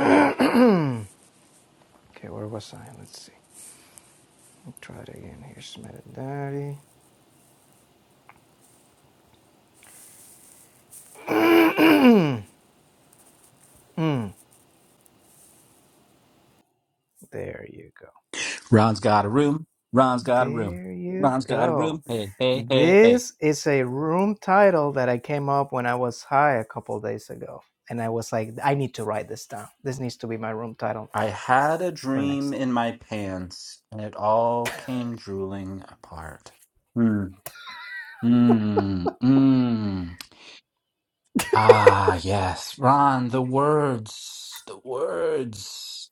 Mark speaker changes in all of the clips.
Speaker 1: Okay, where was I? Let's see. Let me try it again here. Smith Daddy. There you go.
Speaker 2: Ron's got a room. Ron's got a room.
Speaker 1: There you
Speaker 2: Ron's got a
Speaker 1: go.
Speaker 2: room. Hey, hey, hey, hey.
Speaker 1: This is a room title that I came up when I was high a couple days ago. And I was like, I need to write this down. This needs to be my room title
Speaker 2: I had a
Speaker 1: for
Speaker 2: dream
Speaker 1: next.
Speaker 2: in my pants, and it all came drooling apart. Hmm. Mmm. Mmm. Ah, yes. Ron, the words. The words.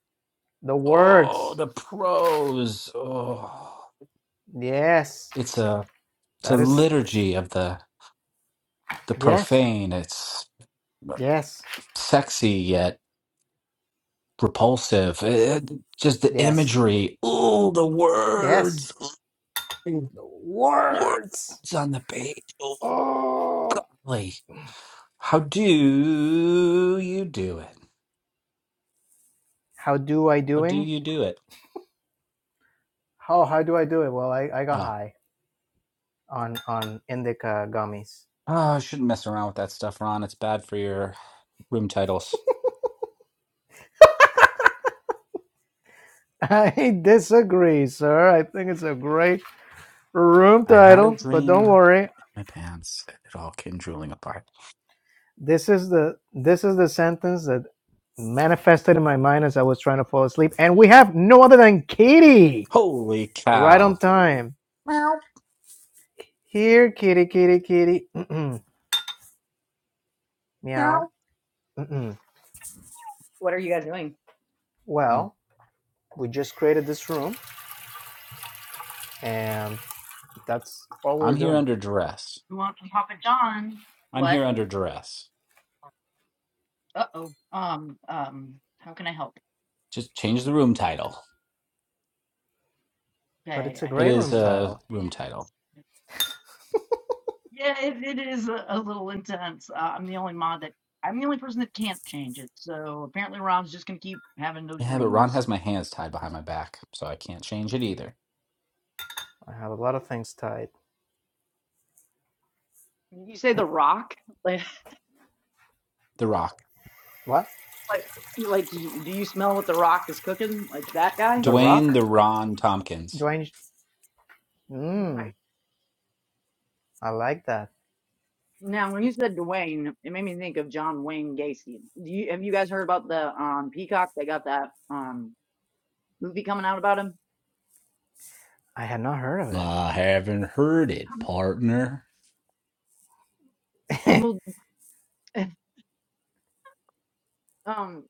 Speaker 1: The
Speaker 2: Oh,
Speaker 1: words.
Speaker 2: the prose. Oh.
Speaker 1: Yes.
Speaker 2: It's a it's a
Speaker 1: That is.
Speaker 2: liturgy of the the
Speaker 1: Yes.
Speaker 2: profane. It's uh,
Speaker 1: Yes.
Speaker 2: sexy yet repulsive. It- just the
Speaker 1: Yes.
Speaker 2: imagery. Ooh, the words.
Speaker 1: Yes.
Speaker 2: Ooh,
Speaker 1: The words.
Speaker 2: words on the page. Oh,
Speaker 1: Oh.
Speaker 2: golly. How do you do it?
Speaker 1: How do I
Speaker 2: How do
Speaker 1: doing?
Speaker 2: you do it?
Speaker 1: How how do I do it? Well, I, I got
Speaker 2: Oh,
Speaker 1: high on on indica gummies.
Speaker 2: oh, I shouldn't mess around with that stuff, Ron. It's bad for your room titles.
Speaker 1: I disagree, sir. I think it's a great room
Speaker 2: I had a
Speaker 1: title, but don't
Speaker 2: dream.
Speaker 1: worry.
Speaker 2: My pants. It all came drooling apart.
Speaker 1: This is the this is the sentence that manifested in my mind as I was trying to fall asleep. And we have no other than Kitty,
Speaker 2: Holy
Speaker 1: right on
Speaker 2: cow.
Speaker 1: time.
Speaker 2: Meow,
Speaker 1: Here, Kitty, Kitty, Kitty. Mm-mm.
Speaker 2: meow.
Speaker 1: Meow. Mm-mm.
Speaker 3: What are you guys doing?
Speaker 2: Well,
Speaker 1: Well, we just created this room, and that's all
Speaker 2: I'm
Speaker 1: we're
Speaker 2: here
Speaker 1: doing.
Speaker 2: under duress.
Speaker 3: We want some Papa John.
Speaker 2: I'm
Speaker 3: What?
Speaker 2: here under duress.
Speaker 3: Uh oh. Um, um, how can I help?
Speaker 2: Just change the room title.
Speaker 1: But
Speaker 3: Okay,
Speaker 1: it's a
Speaker 3: I had
Speaker 2: It
Speaker 1: great
Speaker 3: a
Speaker 2: is
Speaker 1: room
Speaker 3: time.
Speaker 2: a
Speaker 1: title
Speaker 2: room title.
Speaker 3: Yeah, it, it is a, a little intense. Uh, I'm the only mod that I'm the only person that can't change it. So apparently, Rob's just gonna keep having those
Speaker 2: Yeah, but Ron
Speaker 3: dreams.
Speaker 2: has my hands tied behind my back, so I can't change it either.
Speaker 1: I have a lot of things tied.
Speaker 3: You say the Rock? Like,
Speaker 2: The Rock.
Speaker 1: What?
Speaker 3: like, you, like, you, do you smell what the Rock is cooking? Like that guy?
Speaker 1: The
Speaker 2: Dwayne
Speaker 1: Rock?
Speaker 2: The Ron Tompkins.
Speaker 1: Dwayne.
Speaker 3: No, I
Speaker 1: Mmm, I like that.
Speaker 3: Now, when you said Dwayne, it made me think of John Wayne Gacy. Do you, have you guys heard about the um, Peacock? They got that um, movie coming out about him.
Speaker 1: I had not heard of
Speaker 2: I haven't heard it,
Speaker 3: Um,
Speaker 2: partner.
Speaker 1: it.
Speaker 3: Well, um,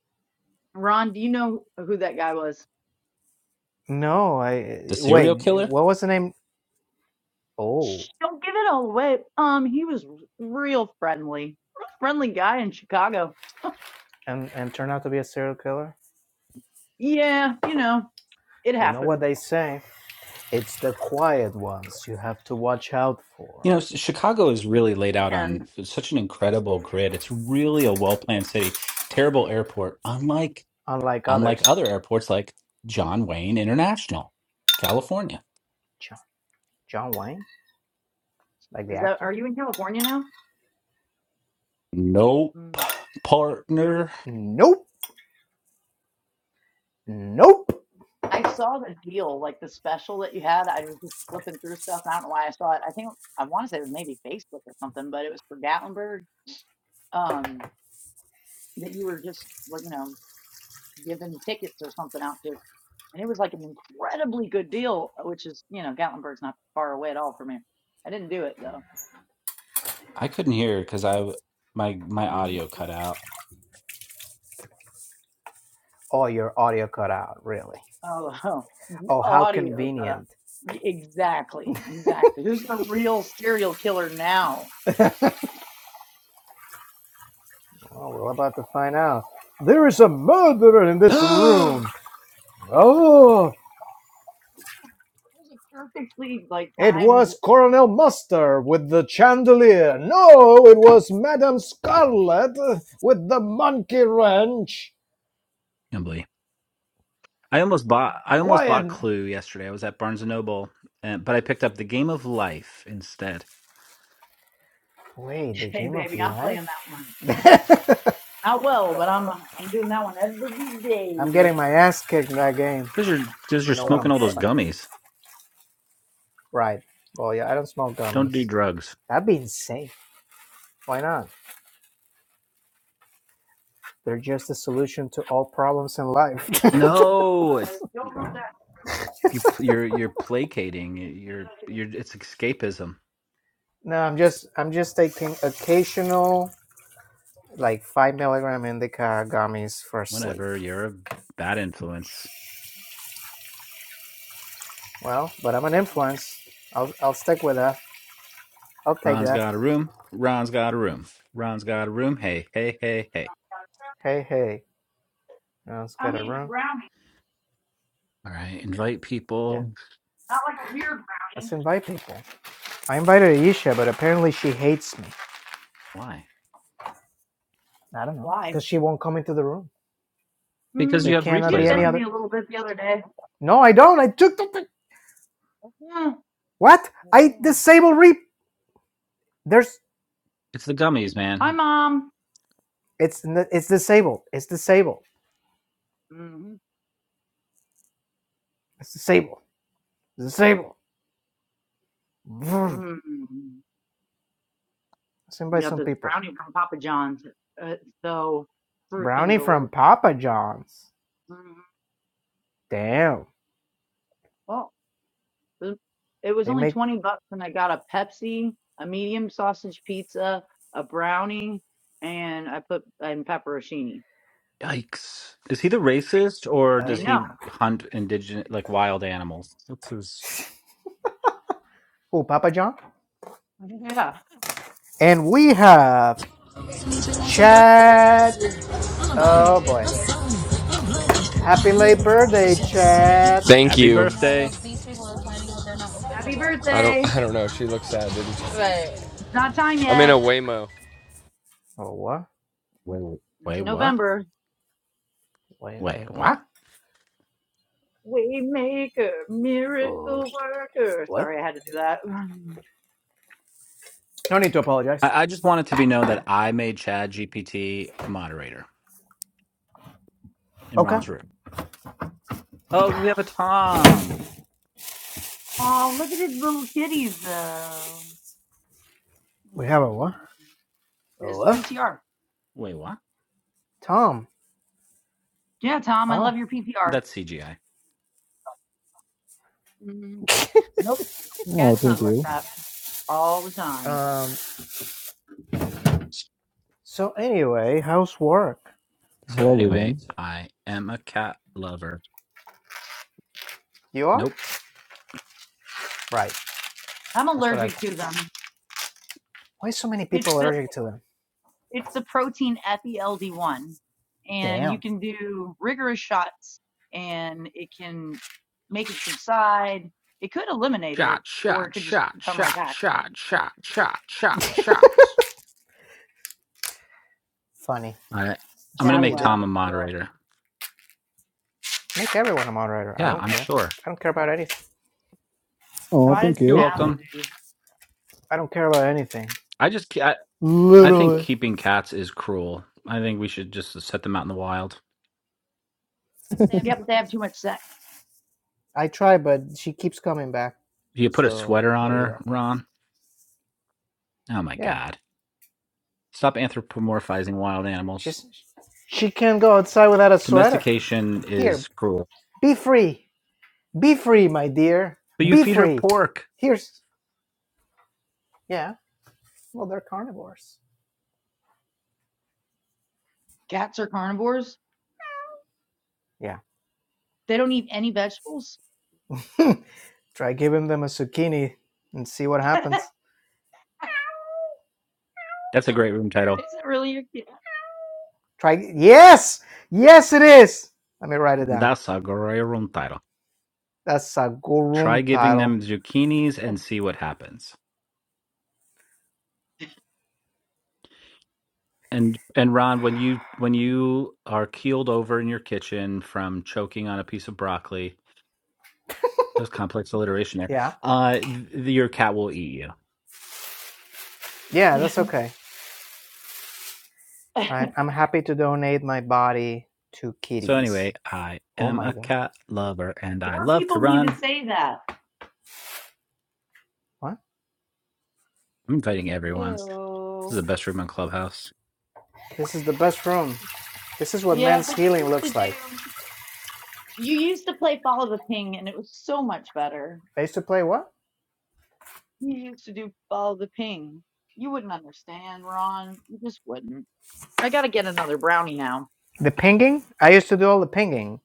Speaker 3: Ron, do you know who that guy was?
Speaker 1: no,
Speaker 2: The
Speaker 1: I
Speaker 2: serial
Speaker 1: wait.
Speaker 2: killer?
Speaker 1: What was the name?
Speaker 3: Shh,
Speaker 1: Oh,
Speaker 3: don't give it all away. Um, he was r- real friendly, real friendly guy in Chicago.
Speaker 1: and and turned out to be a serial killer.
Speaker 3: Yeah, you know, it
Speaker 1: You know what
Speaker 3: happens.
Speaker 1: they say? It's the quiet ones you have to watch out
Speaker 2: You
Speaker 1: for.
Speaker 2: know, Chicago is really laid out
Speaker 3: And
Speaker 2: on such an incredible grid. It's really a well-planned city. Terrible airport, unlike
Speaker 1: Unlike others,
Speaker 2: unlike other airports like John Wayne International, California.
Speaker 1: John, John Wayne, like the
Speaker 3: is that?
Speaker 1: actor.
Speaker 3: Are you in California now?
Speaker 2: Nope,
Speaker 3: Hmm.
Speaker 2: partner.
Speaker 1: Nope, nope.
Speaker 3: I saw the deal, like the special that you had. I was just flipping through stuff. And I don't know why I saw it. I think I want to say it was maybe Facebook or something, but it was for Gatlinburg. Um, that you were just, well, you know, giving tickets or something out to, and it was like an incredibly good deal, uh, which is, you know, Gatlinburg's not far away at all from me. I didn't do it though.
Speaker 2: I couldn't hear because I my my
Speaker 3: mm
Speaker 2: audio cut out.
Speaker 1: Oh, your audio cut out. Really?
Speaker 3: Oh, the
Speaker 1: Oh, how
Speaker 3: audio got up.
Speaker 1: convenient.
Speaker 3: Exactly, exactly. Who's the real serial killer now?
Speaker 1: Oh, we're about to find out. There is a murderer in this room.
Speaker 2: Unbelievable.
Speaker 1: Oh,
Speaker 3: That was a perfectly like
Speaker 1: it
Speaker 3: timed.
Speaker 1: was Colonel Mustard with the chandelier. No, it was Madame Scarlet with the monkey wrench.
Speaker 2: I almost bought I almost bought
Speaker 1: Quiet.
Speaker 2: Clue yesterday. I was at Barnes and Noble, and, but I picked up The Game of Life instead.
Speaker 1: Wait, the
Speaker 3: Hey,
Speaker 1: game of
Speaker 3: baby, I'm playing
Speaker 1: life?
Speaker 3: that one. Not well, but I'm uh, I'm doing that one every
Speaker 1: I'm
Speaker 3: day.
Speaker 1: getting my ass kicked in that game.
Speaker 2: Cuz you're cuz
Speaker 1: You
Speaker 2: you're
Speaker 1: know what
Speaker 3: So
Speaker 2: smoking
Speaker 1: I'm
Speaker 2: all
Speaker 3: good.
Speaker 2: those
Speaker 1: saying?
Speaker 2: gummies.
Speaker 1: Right. Well, yeah, I don't smoke
Speaker 2: Don't do
Speaker 1: gummies.
Speaker 2: drugs.
Speaker 1: That'd be insane. Why not? They're just a solution to all problems in life.
Speaker 3: I
Speaker 2: No, it's
Speaker 3: don't know that.
Speaker 2: you pl- you're you're placating.
Speaker 3: it's good.
Speaker 2: You're
Speaker 3: I can-
Speaker 2: you're it's escapism.
Speaker 1: No, I'm just I'm just taking occasional like five milligram indica gummies for sleep.
Speaker 2: Whatever, you're a bad influence.
Speaker 1: Well, but I'm an influence. I'll I'll stick with that. I'll take
Speaker 2: Ron's
Speaker 1: that.
Speaker 2: got a room. Ron's got a room. Ron's got a room. Hey, hey, hey, hey.
Speaker 1: Hey hey, no one's got
Speaker 3: I'm
Speaker 1: a
Speaker 3: eating a
Speaker 1: room.
Speaker 3: brownie,
Speaker 2: All right, invite
Speaker 1: Yeah,
Speaker 2: people.
Speaker 3: not like a weird
Speaker 1: let's
Speaker 3: brownie.
Speaker 1: invite people. I invited Aisha, but apparently she hates me.
Speaker 2: Why?
Speaker 1: I don't know
Speaker 3: Why?
Speaker 1: because she won't come into the room.
Speaker 2: Because
Speaker 3: Hmm.
Speaker 2: you
Speaker 1: There
Speaker 2: have
Speaker 3: She
Speaker 1: cannot be
Speaker 2: replays
Speaker 1: any
Speaker 3: offended
Speaker 2: on.
Speaker 3: me
Speaker 1: other.
Speaker 3: a little bit the other day.
Speaker 1: No, I don't. I took the thing.
Speaker 3: Hmm.
Speaker 1: What? I disabled re. There's
Speaker 2: It's the gummies, man.
Speaker 3: Hi, mom.
Speaker 1: it's it's disabled. It's disabled.
Speaker 3: Mm-hmm.
Speaker 1: It's disabled. It's disabled.
Speaker 3: Mm-hmm.
Speaker 1: Let's
Speaker 3: We
Speaker 1: invite
Speaker 3: Got
Speaker 1: some
Speaker 3: this
Speaker 1: people.
Speaker 3: brownie from Papa John's. Uh, It's so freaking
Speaker 1: Brownie from
Speaker 3: delicious.
Speaker 1: Papa John's.
Speaker 3: Mhm.
Speaker 1: Damn.
Speaker 3: Well, It was
Speaker 1: They
Speaker 3: only
Speaker 1: make
Speaker 3: 20 bucks and I got a Pepsi, a medium sausage pizza, a brownie, and I put and pepperoncini.
Speaker 2: Yikes. Is he the racist or
Speaker 3: I
Speaker 2: does
Speaker 1: oh
Speaker 2: he
Speaker 3: know.
Speaker 2: hunt indigenous, like wild animals? What's his?
Speaker 1: oh Papa John.
Speaker 3: Yeah.
Speaker 1: And we have Chad. Oh boy. Happy late birthday, Chad.
Speaker 4: Thank
Speaker 2: Happy
Speaker 4: you. Oh, well,
Speaker 2: birthday.
Speaker 4: these people are planning that they're not open
Speaker 3: Happy
Speaker 4: or what? I don't.
Speaker 3: birthday.
Speaker 4: I don't know. She looks sad, didn't she? Right.
Speaker 3: It's not time
Speaker 4: I'm in a
Speaker 3: yet.
Speaker 4: Waymo.
Speaker 1: Oh what?
Speaker 2: Wait,
Speaker 3: It's
Speaker 2: Wait,
Speaker 3: in
Speaker 2: what?
Speaker 3: November.
Speaker 1: Wait,
Speaker 2: Wait, what?
Speaker 1: what?
Speaker 3: Waymaker,
Speaker 1: Oh,
Speaker 3: miracle worker.
Speaker 1: what?
Speaker 3: Sorry, I had to do that.
Speaker 1: No need to apologize.
Speaker 2: I, I just want it to be known that I made Chad GPT moderator in
Speaker 1: Okay.
Speaker 2: Ron's room. Oh, we have a Tom.
Speaker 3: Oh, look at his little kitties though.
Speaker 1: We have a
Speaker 3: Hmm.
Speaker 1: what? Oh,
Speaker 3: His
Speaker 1: what?
Speaker 3: PTR.
Speaker 2: Wait, what?
Speaker 1: Tom.
Speaker 3: Yeah, Tom, I
Speaker 1: Oh.
Speaker 3: love your PTR.
Speaker 2: That's CGI.
Speaker 3: Mhm. Nope.
Speaker 5: Oh,
Speaker 3: Cat
Speaker 5: thank
Speaker 3: snuggles like
Speaker 5: you.
Speaker 3: that all the time.
Speaker 1: Um so anyway, how's work?
Speaker 2: So
Speaker 5: Hello,
Speaker 2: anyway,
Speaker 5: everyone.
Speaker 2: I am a cat lover.
Speaker 1: You are?
Speaker 2: Nope.
Speaker 1: Right.
Speaker 3: I'm
Speaker 1: That's what I
Speaker 3: allergic to them.
Speaker 1: Why so many
Speaker 3: It's
Speaker 1: people
Speaker 3: the
Speaker 1: allergic to them?
Speaker 3: it's the protein at one and you
Speaker 1: Damn.
Speaker 3: can do rigorous shots, and it can make it subside. It could eliminate
Speaker 2: Shot,
Speaker 3: it, or it
Speaker 2: shot,
Speaker 3: could just
Speaker 2: shot,
Speaker 3: come right
Speaker 2: shot,
Speaker 3: back.
Speaker 2: shot, shot, shot, shot, shots.
Speaker 1: Funny. I
Speaker 2: All right. I'm
Speaker 1: see
Speaker 2: gonna
Speaker 1: what
Speaker 3: Jab
Speaker 1: you
Speaker 2: make
Speaker 1: did there.
Speaker 2: Tom
Speaker 3: left.
Speaker 2: a
Speaker 3: Ugh.
Speaker 2: moderator.
Speaker 1: Make everyone a moderator. I
Speaker 2: Yeah,
Speaker 1: don't
Speaker 2: I'm
Speaker 1: care.
Speaker 2: sure.
Speaker 1: I don't care about anything. I
Speaker 5: Oh,
Speaker 1: don't.
Speaker 3: Why
Speaker 5: thank
Speaker 3: did
Speaker 2: You're
Speaker 5: you.
Speaker 3: that?
Speaker 2: welcome.
Speaker 3: leave?
Speaker 1: I don't care about anything.
Speaker 2: I just ca- I, I think
Speaker 1: Literally.
Speaker 2: keeping cats is cruel. I think we should just set them out in the wild.
Speaker 3: Yeah, but they have too much sex.
Speaker 1: I try, but she keeps coming back.
Speaker 2: You put a
Speaker 1: So
Speaker 2: sweater on
Speaker 1: there you
Speaker 2: her,
Speaker 1: go.
Speaker 2: Ron. Oh my
Speaker 1: Yeah.
Speaker 2: God! Stop anthropomorphizing wild animals.
Speaker 1: She's. She can't go outside without a sweater.
Speaker 2: Domestication is
Speaker 1: Here,
Speaker 2: cruel.
Speaker 1: be free. Be free, my dear.
Speaker 2: But you
Speaker 1: Be
Speaker 2: feed her
Speaker 1: free.
Speaker 2: pork.
Speaker 1: Here's. Yeah. Well, they're carnivores.
Speaker 3: Cats are carnivores.
Speaker 1: Yeah.
Speaker 3: They don't eat any vegetables.
Speaker 1: Try giving them a zucchini and see what
Speaker 3: Is
Speaker 1: happens.
Speaker 2: That's a great room title.
Speaker 3: it really your kid?
Speaker 1: Try. Yes. Yes, it is. Let me write it down.
Speaker 2: That's a great room title.
Speaker 1: That's a
Speaker 2: Try
Speaker 1: gurum
Speaker 2: giving
Speaker 1: title.
Speaker 2: them zucchinis and see what happens. And and Ron, when you when you are keeled over in your kitchen from choking on a piece of broccoli, that was complex alliteration there.
Speaker 1: Yeah.
Speaker 2: Uh, th- your cat will eat you.
Speaker 1: Yeah, that's okay. I'm I'm happy to donate my body to
Speaker 2: So anyway,
Speaker 1: kitties.
Speaker 2: I
Speaker 1: Oh
Speaker 2: am
Speaker 1: my
Speaker 2: a
Speaker 1: god.
Speaker 2: cat lover and I
Speaker 3: More
Speaker 2: love to
Speaker 3: people need to
Speaker 2: run.
Speaker 3: say that.
Speaker 1: What?
Speaker 2: I'm inviting everyone. This is
Speaker 3: Ew.
Speaker 2: the best room on Clubhouse.
Speaker 1: This is the best room. This is what
Speaker 3: Yeah,
Speaker 1: men's
Speaker 3: but you
Speaker 1: healing
Speaker 3: used to
Speaker 1: looks like.
Speaker 3: do. You used to play Follow the Ping, and it was so much better.
Speaker 1: I used to play what?
Speaker 3: You used to do Follow the Ping. You wouldn't understand, Ron. You just wouldn't. I gotta get another brownie now.
Speaker 1: The pinging? I used to do all the pinging.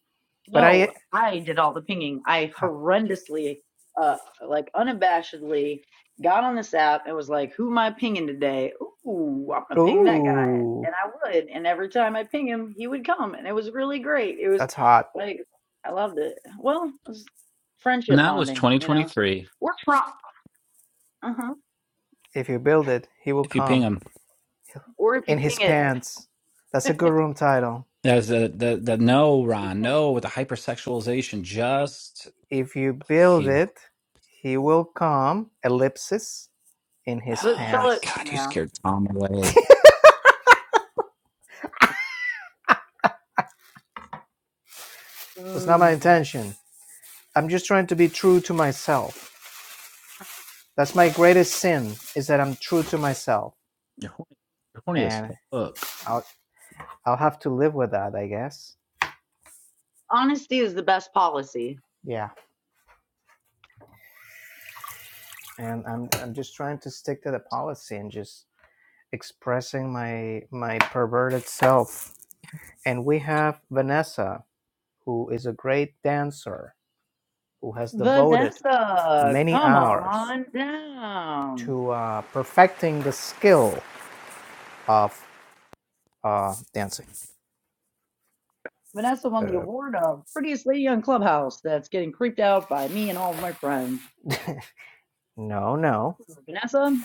Speaker 1: But I
Speaker 3: No, I did all the pinging. I
Speaker 1: ah,
Speaker 3: horrendously, uh, like unabashedly, got on this app and was like, "Who am I pinging today? Ooh, I'm gonna ping that guy."
Speaker 1: Ooh.
Speaker 3: And I would, and every time I ping him, he would come, and it was really great. It was
Speaker 1: That's hot.
Speaker 3: like I loved it. Well, it was
Speaker 2: And
Speaker 3: friendship
Speaker 2: that was
Speaker 3: bonding, you know.
Speaker 2: 2023.
Speaker 3: We're trying. Uh-huh.
Speaker 1: If you build it, he will
Speaker 2: If you ping
Speaker 1: come.
Speaker 2: them,
Speaker 3: Or if
Speaker 1: In
Speaker 3: you
Speaker 1: his
Speaker 3: ping it,
Speaker 1: pants. That's a good room title.
Speaker 2: there's the the the no
Speaker 3: if you
Speaker 2: Ron
Speaker 3: ping,
Speaker 2: no with the hypersexualization. Just
Speaker 1: If you build
Speaker 2: he.
Speaker 1: it, he will come. Ellipsis in his
Speaker 3: but
Speaker 2: Oh my
Speaker 3: spell it.
Speaker 1: pants.
Speaker 2: God, you
Speaker 3: Yeah.
Speaker 2: scared Tom away.
Speaker 1: Was not my
Speaker 3: Mm.
Speaker 1: intention. I'm just trying to be true to myself. That's my greatest sin is that I'm true to myself,
Speaker 2: you horny, you're horny as
Speaker 1: and
Speaker 2: fuck.
Speaker 1: I'll I'll have to live with that, I guess.
Speaker 3: Honesty is the best policy.
Speaker 1: Yeah, and I'm I'm just trying to stick to the policy and just expressing my my perverted self. And we have Vanessa, who is a great dancer, who has devoted
Speaker 3: Vanessa,
Speaker 1: many
Speaker 3: come
Speaker 1: hours
Speaker 3: on down.
Speaker 1: to uh, perfecting the skill of uh, dancing.
Speaker 3: Vanessa won the
Speaker 1: Uh,
Speaker 3: award of prettiest lady on Clubhouse. That's getting creeped out by me and all of my friends.
Speaker 1: no, no.
Speaker 3: Vanessa.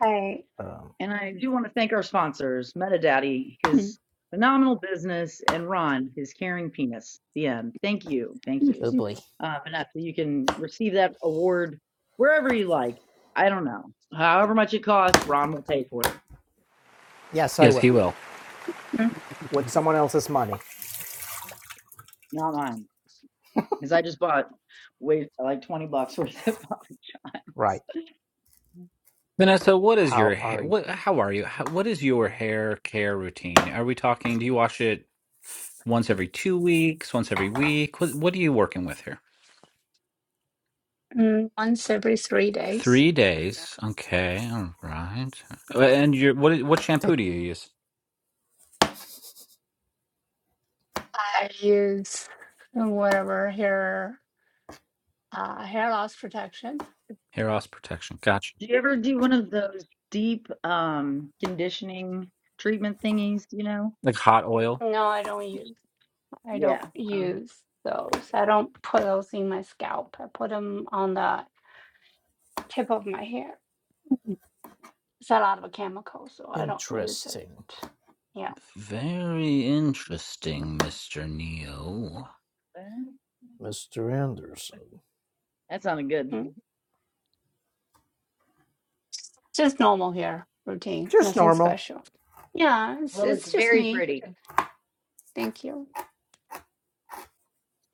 Speaker 6: I
Speaker 1: Um,
Speaker 3: And I do want to thank our sponsors, MetaDaddy,
Speaker 6: mm,
Speaker 3: his phenomenal business, and Ron, his caring penis. The end. Thank you. Thank
Speaker 6: mm,
Speaker 1: oh
Speaker 3: you.
Speaker 1: boy.
Speaker 3: Uh, Vanessa, you can receive that award wherever you like. I don't know. However much it costs, Ron will pay for it.
Speaker 1: Yes, I
Speaker 2: Yes, he
Speaker 1: will.
Speaker 2: will.
Speaker 6: mm,
Speaker 1: With someone else's money.
Speaker 3: Not mine. Because I just bought wait, like 20 bucks worth of products.
Speaker 1: Right.
Speaker 3: That's
Speaker 2: Vanessa, what is your
Speaker 1: How
Speaker 2: ha-
Speaker 1: are you?
Speaker 2: what? How are you? How, what is your hair care routine? Are we talking? Do you wash it once every two weeks? Once every week? What What are you working with here?
Speaker 6: mm, once every three days,
Speaker 2: Three days. Okay. All right. And your what? What shampoo
Speaker 1: Think
Speaker 2: do you use?
Speaker 6: I use whatever hair uh, hair loss protection.
Speaker 2: Hair loss protection. Gotcha.
Speaker 3: Do you ever do one of those deep um conditioning treatment thingies, you know?
Speaker 2: Like hot oil.
Speaker 6: No, I don't use. I don't
Speaker 3: Yeah. Um,
Speaker 6: use those. I don't put those in my scalp. I put them on the tip of my hair. Mm. It's a lot of a chemical, so I don't use it.
Speaker 1: interesting,
Speaker 6: Yeah,
Speaker 2: Very interesting, Mister Neo.
Speaker 1: Mr. Anderson.
Speaker 3: that sounded good.
Speaker 6: Mm. just normal hair routine.
Speaker 1: Just
Speaker 6: Nothing
Speaker 1: normal.
Speaker 6: special. Yeah, it's
Speaker 3: Well, it's
Speaker 6: it's just
Speaker 3: very
Speaker 6: me.
Speaker 3: pretty.
Speaker 6: Thank you.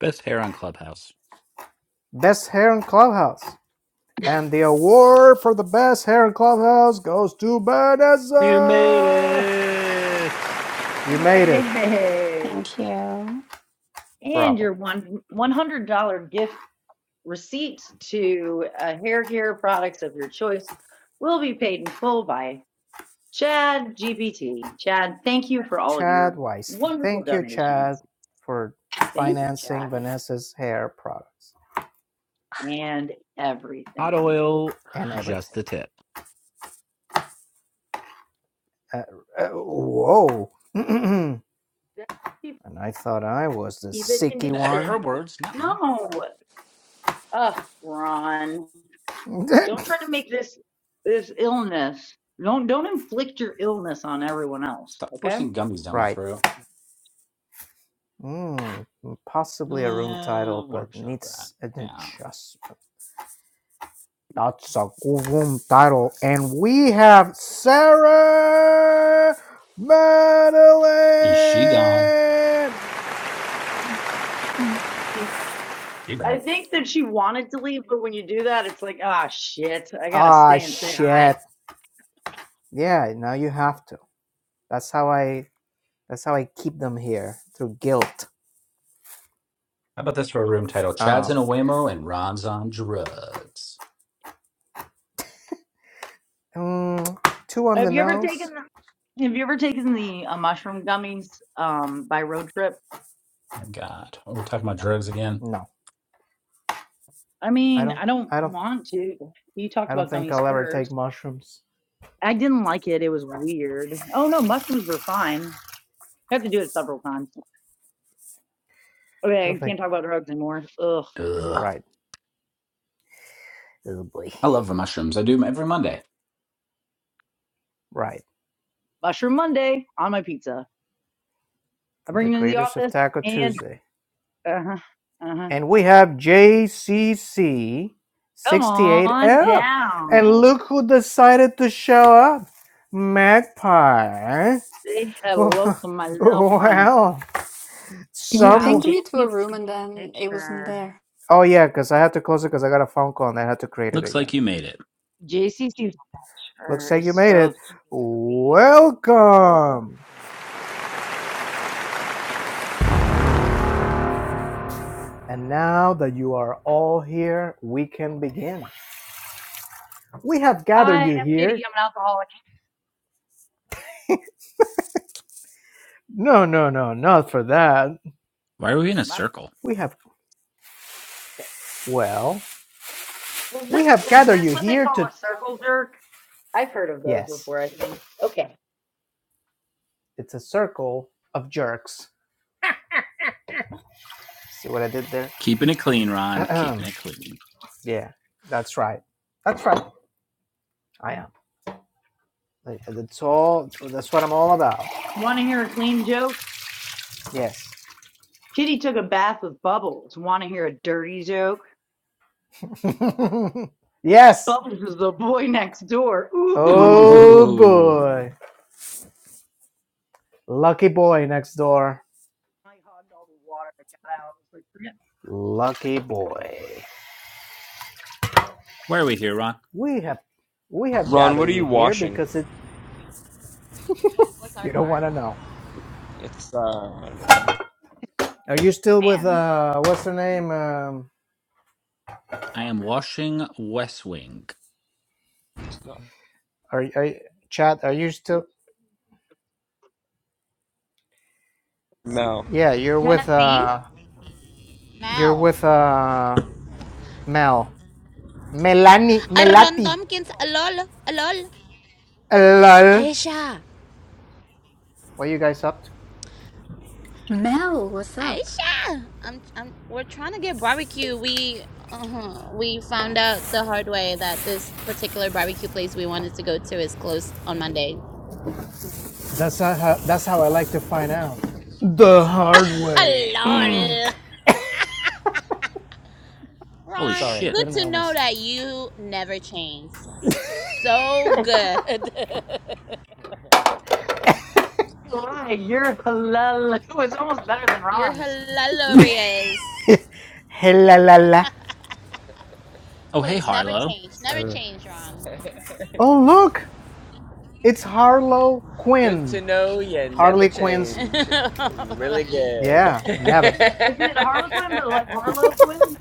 Speaker 2: Best hair on Clubhouse.
Speaker 1: Best hair in Clubhouse. And the award for the best hair in Clubhouse goes to
Speaker 2: You made
Speaker 1: Vanessa!
Speaker 2: it.
Speaker 1: You made it.
Speaker 3: Yay.
Speaker 6: Thank you.
Speaker 3: And your
Speaker 1: Bravo.
Speaker 3: one $100 gift receipt to uh, hair care products of your choice will be paid in full by Chad GPT. Chad, thank you for all of
Speaker 1: Chad
Speaker 3: your
Speaker 1: Weisky.
Speaker 3: wonderful
Speaker 1: Thank you, Chad,
Speaker 3: donations.
Speaker 1: for
Speaker 3: Thank you, Chad,
Speaker 1: financing Vanessa's hair products
Speaker 3: and
Speaker 2: Hot
Speaker 3: everything.
Speaker 2: oil,
Speaker 1: and everything.
Speaker 2: just the tip.
Speaker 1: Uh, uh, whoa. and
Speaker 3: Keep,
Speaker 1: I thought I was the
Speaker 3: keep it
Speaker 1: sicky
Speaker 2: Her
Speaker 1: one.
Speaker 3: conditioned.
Speaker 2: words, not mine.
Speaker 3: No, ugh, Ron. Don't try to make this this illness. Don't don't inflict your illness on everyone else.
Speaker 2: Stop
Speaker 3: Okay.
Speaker 2: forcing gummies down my
Speaker 1: Right.
Speaker 2: throat.
Speaker 1: Mm, possibly a room
Speaker 2: Uh,
Speaker 1: title, but
Speaker 2: workshop that.
Speaker 1: needs an
Speaker 2: Yeah.
Speaker 1: adjustment. That's a good room title. And we have Sarah
Speaker 2: Is she gone?
Speaker 1: Madeline.
Speaker 3: And
Speaker 2: She
Speaker 3: I
Speaker 2: back.
Speaker 3: think that she wanted to leave, but when you do that, it's like, ah, shit, I gotta
Speaker 1: Ah,
Speaker 3: stay and say
Speaker 1: shit.
Speaker 3: hi.
Speaker 1: Yeah, now you have to. That's how I. That's how I keep them here through guilt.
Speaker 2: How about this for a room title? Chad's
Speaker 1: Um,
Speaker 2: in a Waymo and Ron's on drugs.
Speaker 1: mm, two on the
Speaker 3: Have you ever taken
Speaker 1: nose.
Speaker 3: the Have you ever taken the uh, mushroom gummies um by road trip?
Speaker 2: My God. We're talking about drugs again.
Speaker 1: No,
Speaker 3: I
Speaker 1: I
Speaker 3: mean,
Speaker 1: don't.
Speaker 3: I don't
Speaker 1: I don't.
Speaker 3: want to. You talked
Speaker 1: I don't
Speaker 3: about
Speaker 1: think
Speaker 3: gummies
Speaker 1: I'll ever take
Speaker 3: first.
Speaker 1: mushrooms.
Speaker 3: I didn't like it. It was weird. Oh no, mushrooms were fine. I have to do it several times.
Speaker 1: I
Speaker 3: Okay, I
Speaker 1: don't think.
Speaker 3: can't talk about drugs anymore. Ugh,
Speaker 2: Ugh.
Speaker 1: Right. Oh boy.
Speaker 2: I love the mushrooms. I do them every Monday.
Speaker 1: Right.
Speaker 3: mushroom Monday on my pizza. I bring
Speaker 1: the
Speaker 3: him into the
Speaker 1: creators of
Speaker 3: office
Speaker 1: Taco
Speaker 3: and
Speaker 1: Tuesday.
Speaker 3: uh huh, uh huh.
Speaker 1: And we have JCC
Speaker 3: Come
Speaker 1: 68
Speaker 3: on
Speaker 1: l And
Speaker 3: down.
Speaker 1: look who decided to show up Magpie.
Speaker 3: Say hello to my little friend.
Speaker 1: well,
Speaker 7: You
Speaker 3: Wow,
Speaker 7: pinged
Speaker 1: some.
Speaker 3: J
Speaker 7: me to a
Speaker 3: C
Speaker 7: room
Speaker 3: C's
Speaker 7: and then it wasn't
Speaker 3: picture.
Speaker 7: there.
Speaker 1: Oh, yeah, because I had to close it because I got a phone call and I had to create it
Speaker 2: Looks like
Speaker 1: again.
Speaker 2: you made it.
Speaker 3: J C C's
Speaker 1: Looks
Speaker 3: picture
Speaker 1: like
Speaker 3: is
Speaker 1: you made
Speaker 3: so
Speaker 1: it.
Speaker 3: scary.
Speaker 1: Welcome. And now that you are all here, we can begin. We have gathered
Speaker 3: I am
Speaker 1: you
Speaker 3: Kitty.
Speaker 1: here.
Speaker 3: I'm an alcoholic.
Speaker 1: No, no, no, not for that.
Speaker 2: Why are we in a
Speaker 3: My
Speaker 2: circle?
Speaker 1: We have. Well,
Speaker 3: Is
Speaker 1: we
Speaker 3: this
Speaker 1: have
Speaker 3: is
Speaker 1: gathered
Speaker 3: this
Speaker 1: you
Speaker 3: what they
Speaker 1: here
Speaker 3: call
Speaker 1: to.
Speaker 3: a circle jerk? I've heard of those
Speaker 1: Yes,
Speaker 3: before. I think. Okay.
Speaker 1: it's a circle of jerks. See what I did there?
Speaker 2: Keeping it clean, Ron. Keeping it clean.
Speaker 1: yeah, that's right. That's right. I am. Like, That's all. That's what I'm all about.
Speaker 3: You Want to hear a clean joke?
Speaker 1: Yes.
Speaker 3: Kitty took a bath with bubbles. Want to hear a dirty joke?
Speaker 1: yes.
Speaker 3: Bubbles is the boy next door. Ooh.
Speaker 1: Oh
Speaker 2: Ooh.
Speaker 1: boy. Lucky boy next door.
Speaker 3: My hot dog with water that got out. It's like, forget
Speaker 1: Lucky boy.
Speaker 2: Why are we here, Ron?
Speaker 1: We have we have
Speaker 4: Ron,
Speaker 1: gathered
Speaker 4: what are
Speaker 1: you
Speaker 4: you
Speaker 1: here
Speaker 4: washing?
Speaker 1: because it
Speaker 4: What's our
Speaker 1: you don't
Speaker 4: car?
Speaker 1: want to know.
Speaker 4: It's uh.
Speaker 1: Are you
Speaker 3: the
Speaker 1: still with uh what's her name um
Speaker 2: I
Speaker 1: fuck
Speaker 2: am washing West Wing.
Speaker 4: It's not.
Speaker 1: Are are you- Chad? Are you still?
Speaker 4: No.
Speaker 1: Yeah, you're with
Speaker 3: Genesee?
Speaker 1: uh, you're
Speaker 4: Mal.
Speaker 1: with uh, Mel, Melanie,
Speaker 4: Aaron
Speaker 1: Melati.
Speaker 4: Tompkins. Alol. lol.
Speaker 1: Hello.
Speaker 4: Aisha.
Speaker 1: What are you guys up to?
Speaker 7: Mel, what's up?
Speaker 4: Aisha. I'm, I'm, we're trying to get barbecue. We uh huh. we found out the hard way that this particular barbecue place we wanted to go to is closed on Monday.
Speaker 1: That's not how. That's how I like to find out. The hard way. Mm.
Speaker 4: Lol.
Speaker 2: Holy
Speaker 4: Ron,
Speaker 1: Sorry,
Speaker 2: shit.
Speaker 4: good
Speaker 1: couldn't
Speaker 4: to
Speaker 1: help
Speaker 4: know
Speaker 1: myself.
Speaker 4: that you never change. So good.
Speaker 3: Why? You're halal. It was almost better than
Speaker 4: You're
Speaker 3: Ron's.
Speaker 4: hilarious.
Speaker 1: Hella
Speaker 2: Oh, hey,
Speaker 4: Please never
Speaker 2: Harlow.
Speaker 4: change. Never
Speaker 1: Uh.
Speaker 4: change, Ron.
Speaker 1: Oh look, it's Harlow
Speaker 4: good to
Speaker 1: Quinn.
Speaker 4: know you never
Speaker 1: Harley
Speaker 4: change.
Speaker 1: Quinn's.
Speaker 4: really good.
Speaker 1: Yeah, Never.
Speaker 3: Is it Harlequin, but like Harlequin?